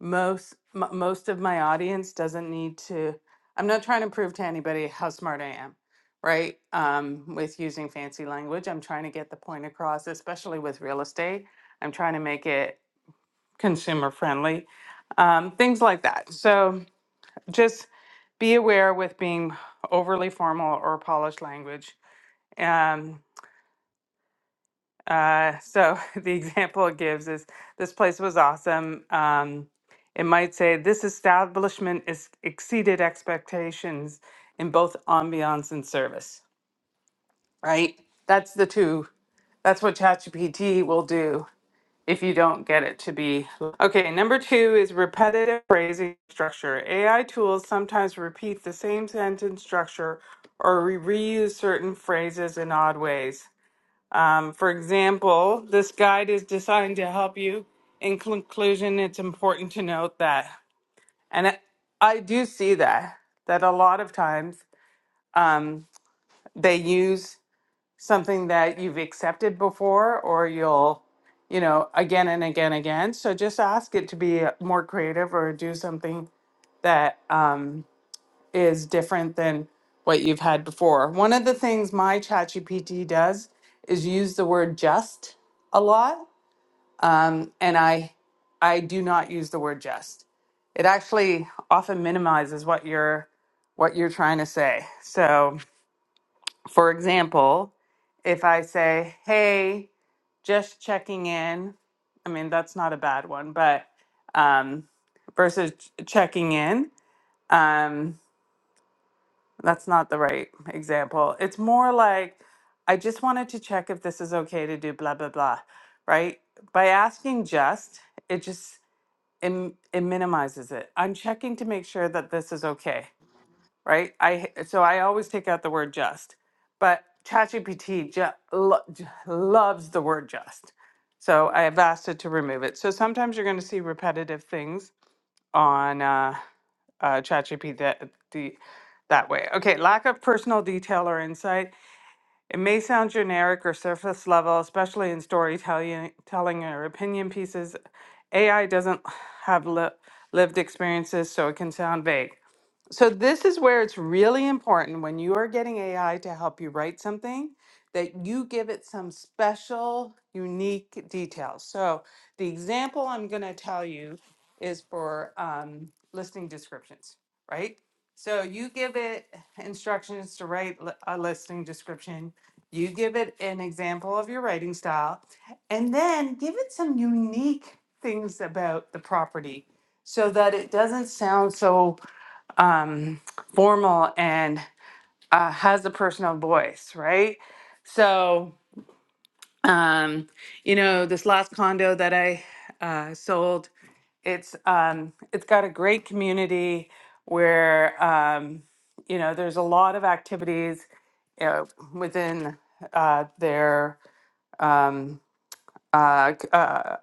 Speaker 2: most m- most of my audience doesn't need to i'm not trying to prove to anybody how smart i am right um, with using fancy language i'm trying to get the point across especially with real estate i'm trying to make it consumer friendly um, things like that so just be aware with being overly formal or polished language Um, Uh, so (laughs) the example it gives is this place was awesome. Um, it might say this establishment is exceeded expectations in both ambiance and service, right? That's the two. That's what ChatGPT will do if you don't get it to be. Okay, number two is repetitive phrasing structure. AI tools sometimes repeat the same sentence structure or re- reuse certain phrases in odd ways. Um, for example, this guide is designed to help you. In conclusion, it's important to note that, and I I do see that, that a lot of times um, they use something that you've accepted before or you'll, you know, again and again again. So just ask it to be more creative or do something that um, is different than what you've had before. One of the things my ChatGPT does is use the word just a lot. um, and I I do not use the word just. It actually often minimizes what you're what you're trying to say. So, for example, if I say, "Hey, just checking in," I mean that's not a bad one, but um, versus ch- checking in, um, that's not the right example. It's more like, "I just wanted to check if this is okay to do," blah blah blah, right? By asking just, it just it, it minimizes it. I'm checking to make sure that this is okay, right? I so I always take out the word just, but ChatGPT ju- lo- j- loves the word just, so I have asked it to remove it. So sometimes you're going to see repetitive things on uh, uh, ChatGPT that the that way. Okay, lack of personal detail or insight. It may sound generic or surface level, especially in storytelling telling or opinion pieces. AI doesn't have li- lived experiences, so it can sound vague. So, this is where it's really important when you are getting AI to help you write something that you give it some special, unique details. So, the example I'm going to tell you is for um, listing descriptions, right? So, you give it instructions to write li- a listing description you give it an example of your writing style and then give it some unique things about the property so that it doesn't sound so um, formal and uh, has a personal voice, right? So, um, you know, this last condo that I uh, sold, it's um, it's got a great community where um, you know there's a lot of activities uh, within uh, their um, uh, c- uh,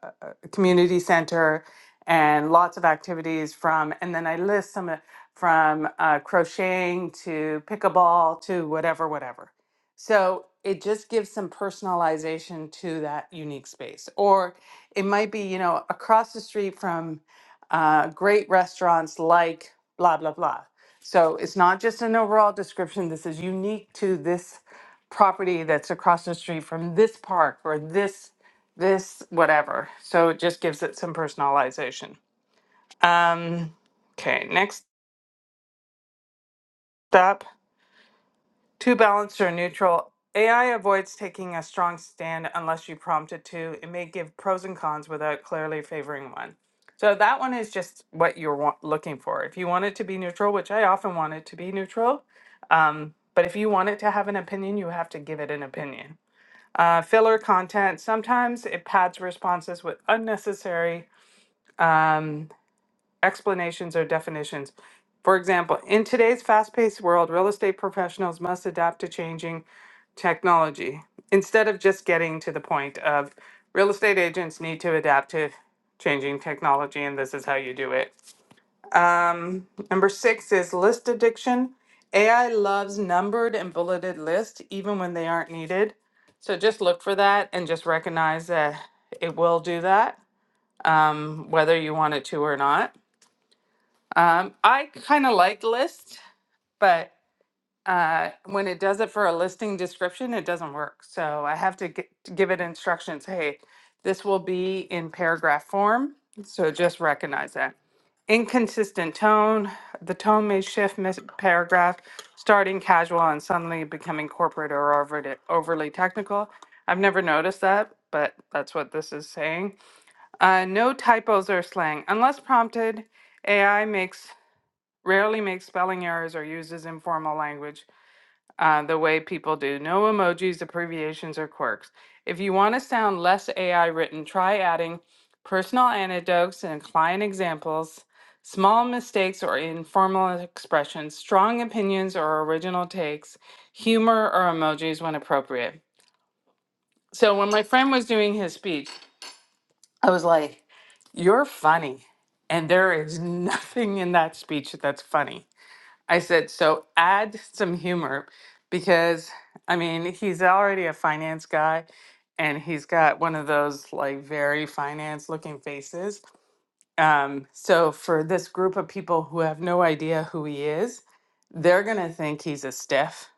Speaker 2: community center and lots of activities from, and then I list some of- from uh, crocheting to pickleball to whatever, whatever. So it just gives some personalization to that unique space. Or it might be, you know, across the street from uh, great restaurants like blah, blah, blah. So it's not just an overall description. This is unique to this property that's across the street from this park or this this whatever. So it just gives it some personalization. Um, okay, next up, too balanced or neutral. AI avoids taking a strong stand unless you prompt it to. It may give pros and cons without clearly favoring one. So that one is just what you're wa- looking for. If you want it to be neutral, which I often want it to be neutral, um, but if you want it to have an opinion, you have to give it an opinion. Uh, filler content. Sometimes it pads responses with unnecessary um, explanations or definitions. For example, in today's fast paced world, real estate professionals must adapt to changing technology instead of just getting to the point of real estate agents need to adapt to changing technology and this is how you do it. Um, number six is list addiction. AI loves numbered and bulleted lists even when they aren't needed. So just look for that and just recognize that it will do that, um, whether you want it to or not. Um, I kind of like lists, but uh, when it does it for a listing description, it doesn't work. So I have to, gi- give it instructions. Hey, this will be in paragraph form. So just recognize that. Inconsistent tone. The tone may shift mid paragraph, starting casual and suddenly becoming corporate or overly, overly technical. I've never noticed that, but that's what this is saying. Uh, no typos or slang. Unless prompted, AI makes rarely make spelling errors or uses informal language uh, the way people do. No emojis, abbreviations, or quirks. If you want to sound less AI written, try adding personal anecdotes and client examples, small mistakes or informal expressions, strong opinions or original takes, humor or emojis when appropriate. So when my friend was doing his speech, you're funny. And there is (laughs) nothing in that speech that's funny. I said, so add some humor because I mean, he's already a finance guy and he's got one of those like very finance looking faces. Um, so for this group of people who have no idea who he is, they're gonna think he's a stiff,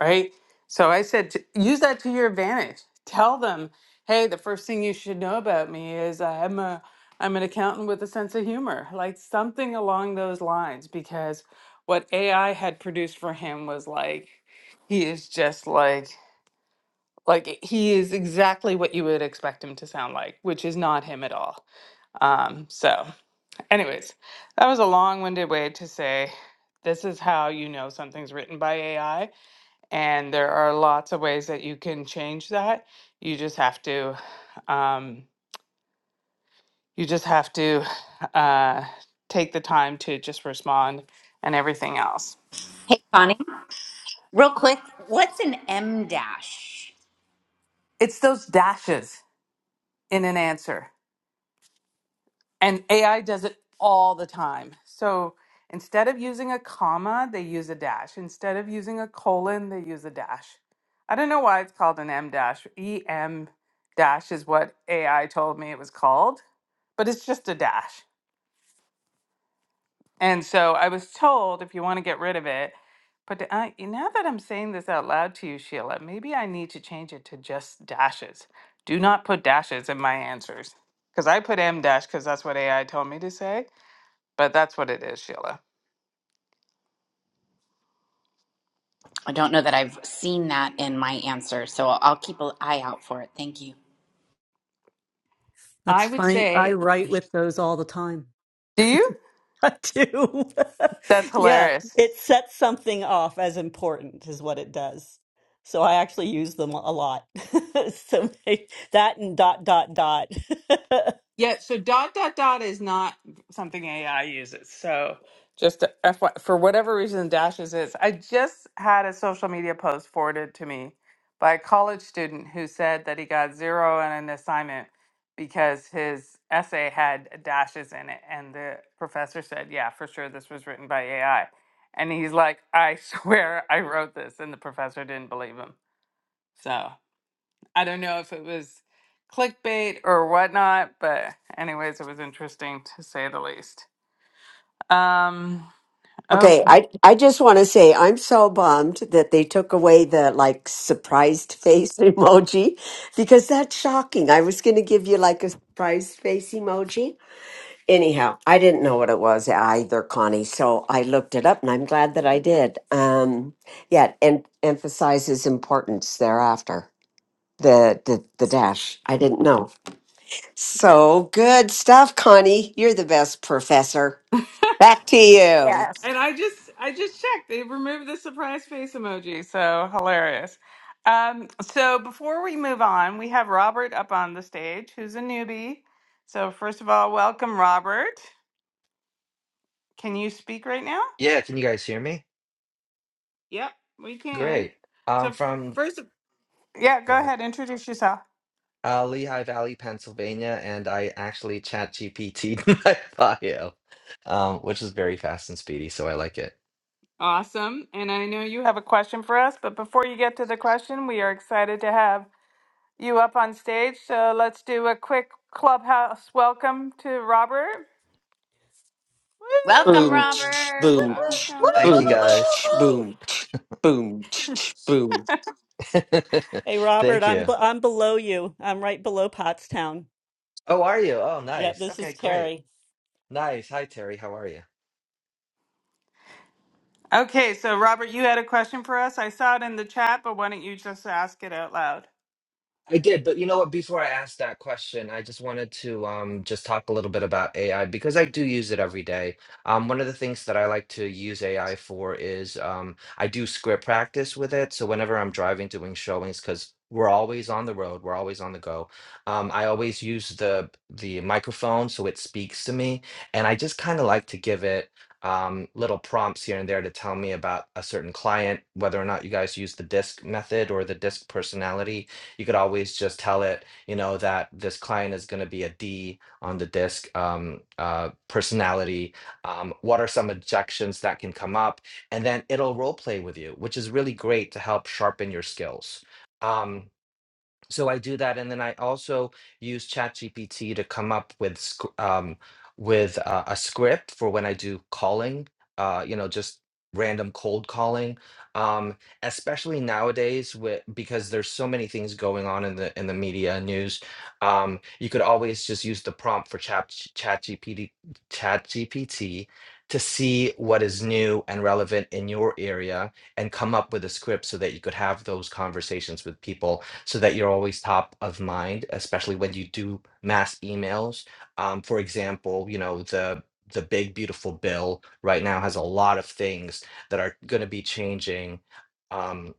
Speaker 2: right? So I said, to, use that to your advantage. Tell them, hey, the first thing you should know about me is I'm a I'm an accountant with a sense of humor, like something along those lines, because what AI had produced for him was like he is just like like he is exactly what you would expect him to sound like, which is not him at all. Um, so. Anyways, that was a long winded way to say this is how you know something's written by AI. And there are lots of ways that you can change that. You just have to, um, you just have to uh, take the time to just respond and everything else.
Speaker 9: hey connie Real quick, what's an M dash?
Speaker 2: It's those dashes in an answer. And AI does it all the time. So instead of using a comma, they use a dash. Instead of using a colon, they use a dash. I don't know why it's called an M dash. EM dash is what AI told me it was called, but it's just a dash. And so I was told if you want to get rid of it, but I, now that I'm saying this out loud to you, Sheila, maybe I need to change it to just dashes. Do not put dashes in my answers because I put M dash because that's what AI told me to say but that's what it is, Sheila.
Speaker 9: I don't know that I've seen that in my answer, so I'll I'll keep an eye out for it. Thank you.
Speaker 2: I
Speaker 3: That's
Speaker 2: would
Speaker 3: fine. I
Speaker 2: say,
Speaker 3: write with those all the time.
Speaker 2: Do you?
Speaker 3: (laughs) I do.
Speaker 2: That's
Speaker 3: (laughs) yeah,
Speaker 2: hilarious.
Speaker 3: it sets something off as important is what it does. So I actually use them a lot. (laughs) so they- that and dot dot dot. (laughs)
Speaker 2: yeah, so dot, dot, dot is not something AI uses. So, Just a F Y for whatever reason, dashes is. I just had a social media post forwarded to me by a college student who said that he got zero on an assignment because his essay had dashes in it. And the professor said, Yeah, for sure, this was written by AI. And he's like, I (laughs) swear I wrote this. And the professor didn't believe him. So. I don't know if it was clickbait or whatnot, but anyways, it was interesting to say the least. Um, oh,
Speaker 4: Okay, I I just want to say I'm so bummed that they took away the like surprised face (laughs) emoji because that's shocking. I was going to give you like a surprised face emoji anyhow, I didn't know what it was either, Connie. So I looked it up, and I'm glad that I did. Um, yeah, and emphasizes importance thereafter. The, the the dash. I didn't know. So good stuff, Connie. You're the best professor.
Speaker 2: (laughs) and
Speaker 4: Back to you.
Speaker 7: Yes.
Speaker 2: I just I just checked. They removed the surprise face emoji, so hilarious. Um, so before we move on, we have Robert up on the stage, who's a newbie. So first of all, welcome, Robert. Can you speak right now?
Speaker 13: Yeah, can you guys hear me?
Speaker 2: Yep, we can.
Speaker 13: Great. I'm
Speaker 2: So
Speaker 13: from,
Speaker 2: first, yeah,
Speaker 13: go
Speaker 2: go
Speaker 13: ahead,
Speaker 2: ahead, introduce yourself.
Speaker 13: uh, Lehigh Valley, Pennsylvania, and I actually chat GPT'd (laughs) my bio, um, which is very fast and speedy, so I like it.
Speaker 2: Awesome. And I know you have a question for us, but before you get to the question, we are excited to have you up on stage. So let's do a quick clubhouse welcome to Robert.
Speaker 9: Welcome,
Speaker 4: Boom, (tsk)
Speaker 9: Robert.
Speaker 2: Woo!
Speaker 4: boom,
Speaker 2: Welcome.
Speaker 4: (tsk)
Speaker 13: Thank you
Speaker 4: boom,
Speaker 13: guys.
Speaker 4: (tsk)
Speaker 7: (laughs)
Speaker 4: boom, (tsk) boom, (tsk) boom, (tsk) boom.
Speaker 13: (laughs)
Speaker 3: hey Robert,
Speaker 13: Thank
Speaker 3: I'm
Speaker 13: you.
Speaker 3: b- I'm below you. I'm right below Pottstown.
Speaker 13: Oh, are you? Oh,
Speaker 3: Yep,
Speaker 13: nice.
Speaker 3: this is
Speaker 13: Okay, great.
Speaker 3: Terry.
Speaker 13: Nice. Hi, Terry. How are you?
Speaker 2: Okay, so Robert, you had a question for us. I saw it in the chat, but why don't you just ask it out loud?
Speaker 13: I did, but you know what? Before I ask that question, I just wanted to um, just talk a little bit about AI because I do use it every day. Um, one of the things that I like to use AI for is um, I do script practice with it. So whenever I'm driving, doing showings, because we're always on the road, we're always on the go. Um, I always use the the microphone so it speaks to me, and I just kind of like to give it. Um, little prompts here and there to tell me about a certain client, whether or not you guys use the disc method or the disc personality you could always just tell it, you know, that this client is going to be a D on the disc um, uh, personality. Um, what are some objections that can come up? And then it'll role play with you, which is really great to help sharpen your skills. Um, so I do that, and then I also use ChatGPT to come up with sc- um, with uh, a script for when I do calling. Uh, you know, just random cold calling. Um, especially nowadays, with because there's so many things going on in the in the media and news. Um, you could always just use the prompt for Chat ChatGPT ChatGPT to see what is new and relevant in your area and come up with a script so that you could have those conversations with people so that you're always top of mind, especially when you do mass emails. Um, for example, you know, the the big beautiful bill right now has a lot of things that are going to be changing. Um,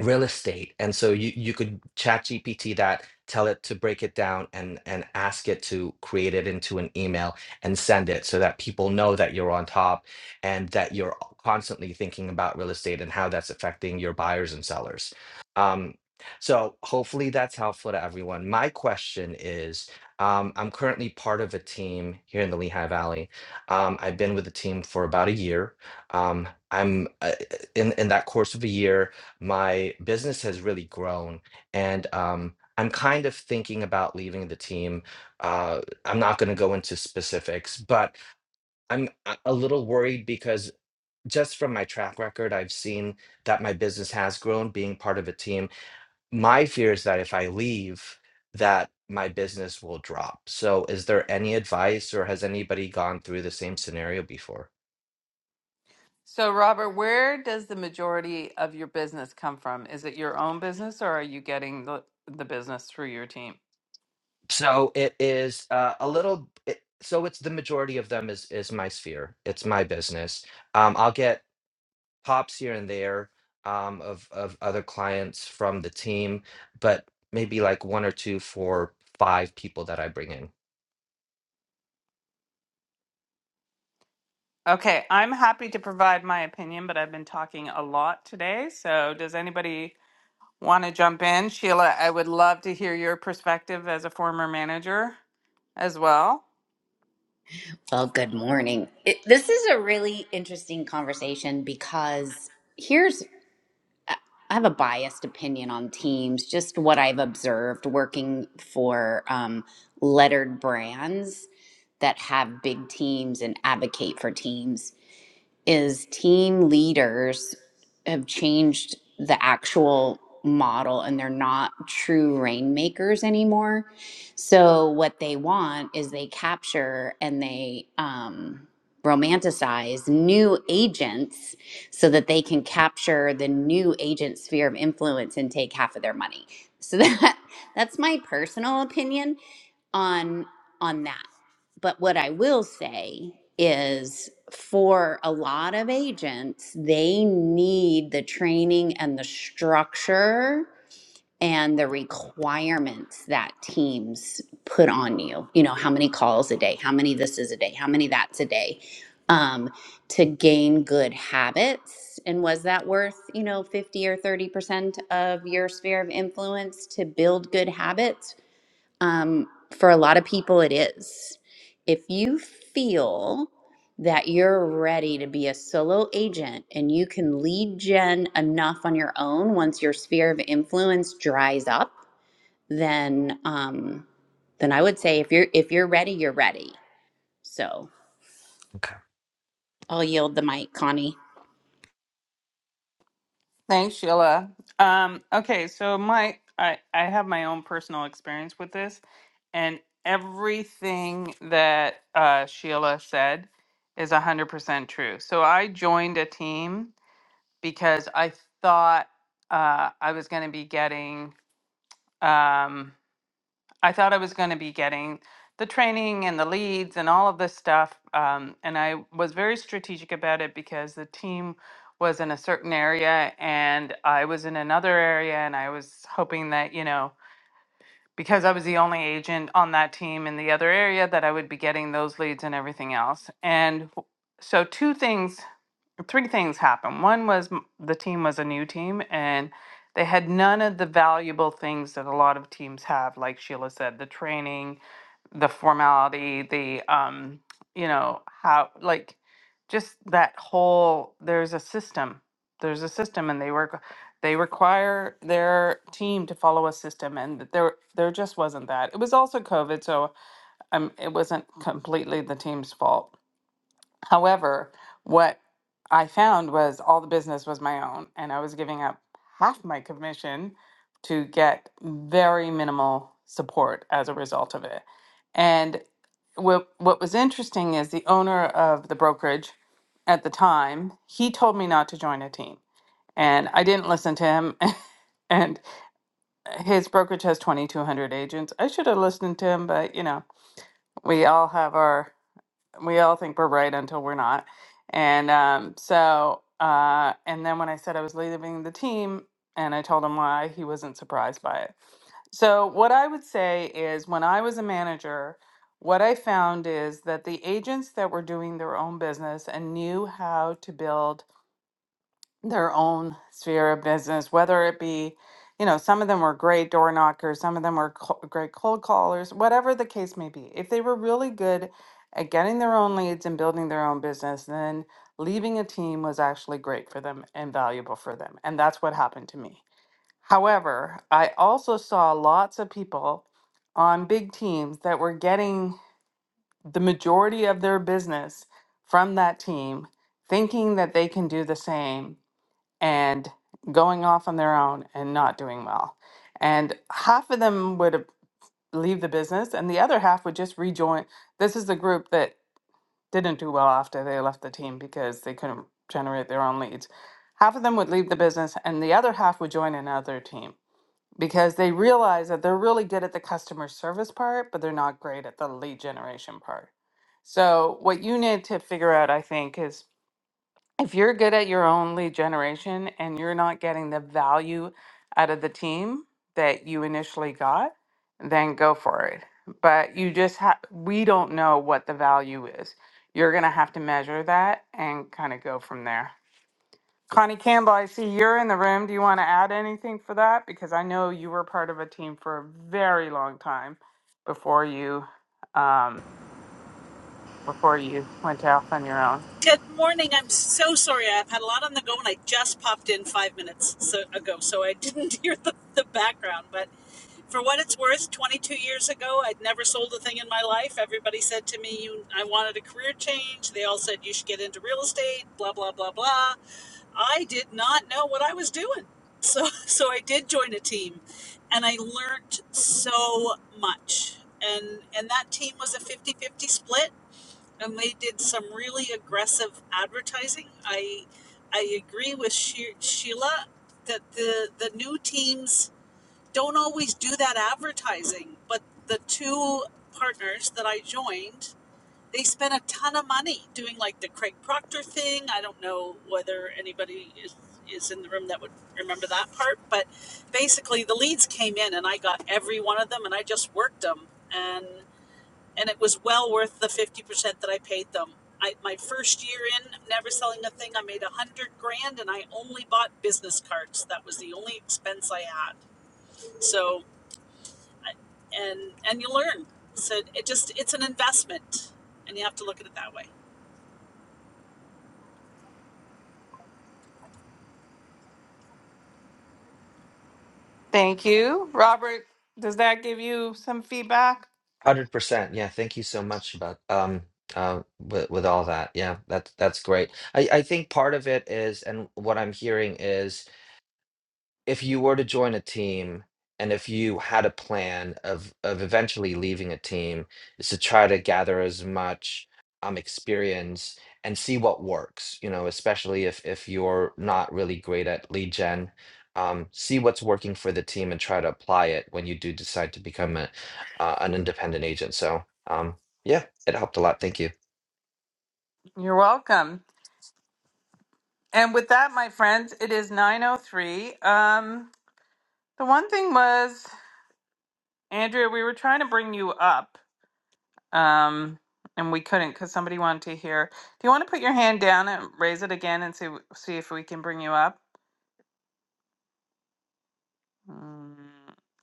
Speaker 13: real estate and so you you could chat gpt that tell it to break it down and and ask it to create it into an email and send it so that people know that you're on top and that you're constantly thinking about real estate and how that's affecting your buyers and sellers um, so hopefully that's helpful to everyone my question is um, i'm currently part of a team here in the lehigh valley um, i've been with the team for about a year um, i'm uh, in, in that course of a year my business has really grown and um, i'm kind of thinking about leaving the team uh, i'm not going to go into specifics but i'm a a little worried because just from my track record i've seen that my business has grown being part of a team my fear is that if i leave that my business will drop so is there any advice or has anybody gone through the same scenario before
Speaker 2: So, Robert, where does the majority of your business come from? Is it your own business or are you getting the, the business through your team?
Speaker 13: So it is uh, a little. It, so it's the majority of them is is my sphere. It's my business. Um, I'll get pops here and there um, of of other clients from the team, but maybe like one or two for five people that I bring in.
Speaker 2: Okay, I'm happy to provide my opinion, but I've been talking a lot today. So, does anybody want to jump in? Sheila, I would love to hear your perspective as a former manager as well.
Speaker 9: Well, good morning. It, this is a really interesting conversation because here's I have a biased opinion on teams, just what I've observed working for um, lettered brands that have big teams and advocate for teams is team leaders have changed the actual model and they're not true rainmakers anymore. So what they want is they capture and they um, romanticize new agents so that they can capture the new agent sphere of influence and take half of their money. So that (laughs) that's my personal opinion on on that. But what I will say is for a lot of agents, they need the training and the structure and the requirements that teams put on you. You know, how many calls a day, how many this is a day, how many that's a day. Um, to gain good habits and was that worth you know 50 or 30 percent of your sphere of influence to build good habits um, for a lot of people, it is. If you feel that you're ready to be a solo agent and you can lead gen enough on your own once your sphere of influence dries up, then um, then I would say if you're if you're ready, you're ready. So
Speaker 13: Okay,
Speaker 9: I'll yield the mic, Connie.
Speaker 2: Thanks, Sheila. Um, okay, so my I, I have my own personal experience with this, and everything that uh, Sheila said is 100% true. So, I joined a team because I thought uh, I was going to be getting um, I thought I was going to be getting the training and the leads and all of this stuff. Um, and I was very strategic about it because the team was in a certain area and I was in another area. And I was hoping that, you know, because I was the only agent on that team in the other area, that I would be getting those leads and everything else. And w- so, two things three things happened. One was m- the team was a new team and they had none of the valuable things that a lot of teams have, like Sheila said, the training, the formality, the um, you know, how like just that whole there's a system. There's a system and they work they require their team to follow a system and there there just wasn't that. It was also COVID, so um it wasn't completely the team's fault However, what I found was all the business was my own, and I was giving up half my commission to get very minimal support as a result of it. And what what was interesting is the owner of the brokerage at the time, he told me not to join a team, and I didn't listen to him. (laughs) And his brokerage has 2,200 agents. I should have listened to him, but you know, we all have our we all think we're right until we're not. And um, so, uh, and then when I said I was leaving the team and I told him why, he wasn't surprised by it. So, what I would say is when I was a manager, what I found is that the agents that were doing their own business and knew how to build their own sphere of business, whether it be, you know, some of them were great door knockers, some of them were co- great cold callers, whatever the case may be. If they were really good at getting their own leads and building their own business, then leaving a team was actually great for them and valuable for them. And that's what happened to me. However, I also saw lots of people on big teams that were getting the majority of their business from that team, thinking that they can do the same and going off on their own and not doing well. And half of them would leave the business, and the other half would just rejoin. This is the group that didn't do well after they left the team because they couldn't generate their own leads. Half of them would leave the business, and the other half would join another team because they realize that they're really good at the customer service part, but they're not great at the lead generation part. So, what you need to figure out, I think, is if you're good at your own lead generation and you're not getting the value out of the team that you initially got, then go for it. But you just have, we don't know what the value is. You're going to have to measure that and kind of go from there. Connie Campbell, I see you're in the room. Do you want to add anything for that? Because I know you were part of a team for a very long time before you um, before you went off on your own.
Speaker 14: Good morning. I'm so sorry. I've had a lot on the go, and I just popped in five minutes so, ago, so I didn't (laughs) hear the, the background. But for what it's worth, 22 years ago, I'd never sold a thing in my life. Everybody said to me, you, I wanted a career change. They all said, you should get into real estate, blah, blah, blah, blah. I did not know what I was doing. So, (laughs) so I did join a team and I learned so much. And, and that team was a 50 50 split and they did some really aggressive advertising. I I agree with she- Sheila that the the new teams don't always do that advertising, but the two partners that I joined, they spent a ton of money doing like the Craig Proctor thing. I don't know whether anybody is is in the room that would remember that part, but basically the leads came in and I got every one of them and I just worked them and and it was well worth the 50% that I paid them. I, my first year in never selling a thing, I made a hundred grand and I only bought business cards. That was the only expense I had. So, and, and you learn. So it just, it's an investment and you have to look at it that way.
Speaker 2: Thank you. Robert, does that give you some feedback?
Speaker 13: hundred percent. Yeah, thank you so much about um uh with, with all that. Yeah, that's that's great. I I think part of it is, and what I'm hearing is if you were to join a team and if you had a plan of of eventually leaving a team is to try to gather as much um experience and see what works you know especially if if you're not really great at lead gen um, see what's working for the team and try to apply it when you do decide to become a, uh, an independent agent so um, yeah it helped a lot thank you
Speaker 2: You're welcome. And with that, my friends, it is 903. Um the one thing was Andrea, we were trying to bring you up. Um and we couldn't cuz somebody wanted to hear. Do you want to put your hand down and raise it again and see see if we can bring you up? Mm,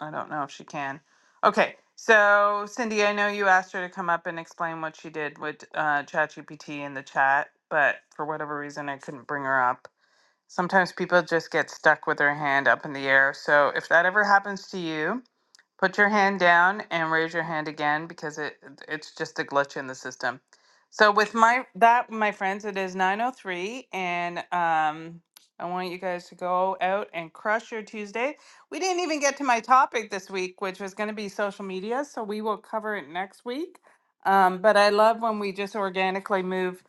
Speaker 2: I don't know if she can. Okay, so Cindy, I know you asked her to come up and explain what she did with uh, ChatGPT in the chat, but for whatever reason, I couldn't bring her up. Sometimes people just get stuck with their hand up in the air. So if that ever happens to you, Put your hand down and raise your hand again because it it's just a glitch in the system. So with my that my friends, it is 9:03 and um I want you guys to go out and crush your Tuesday. We didn't even get to my topic this week, which was going to be social media, so we will cover it next week. Um, but I love when we just organically move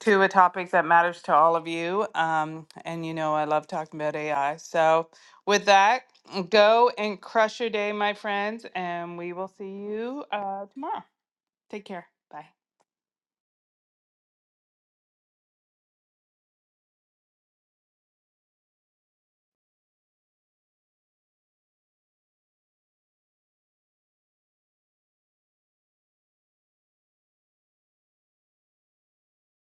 Speaker 2: to a topic that matters to all of you. Um, and you know, I love talking about AI. So, with that, go and crush your day, my friends, and we will see you uh, tomorrow. Take care. Bye.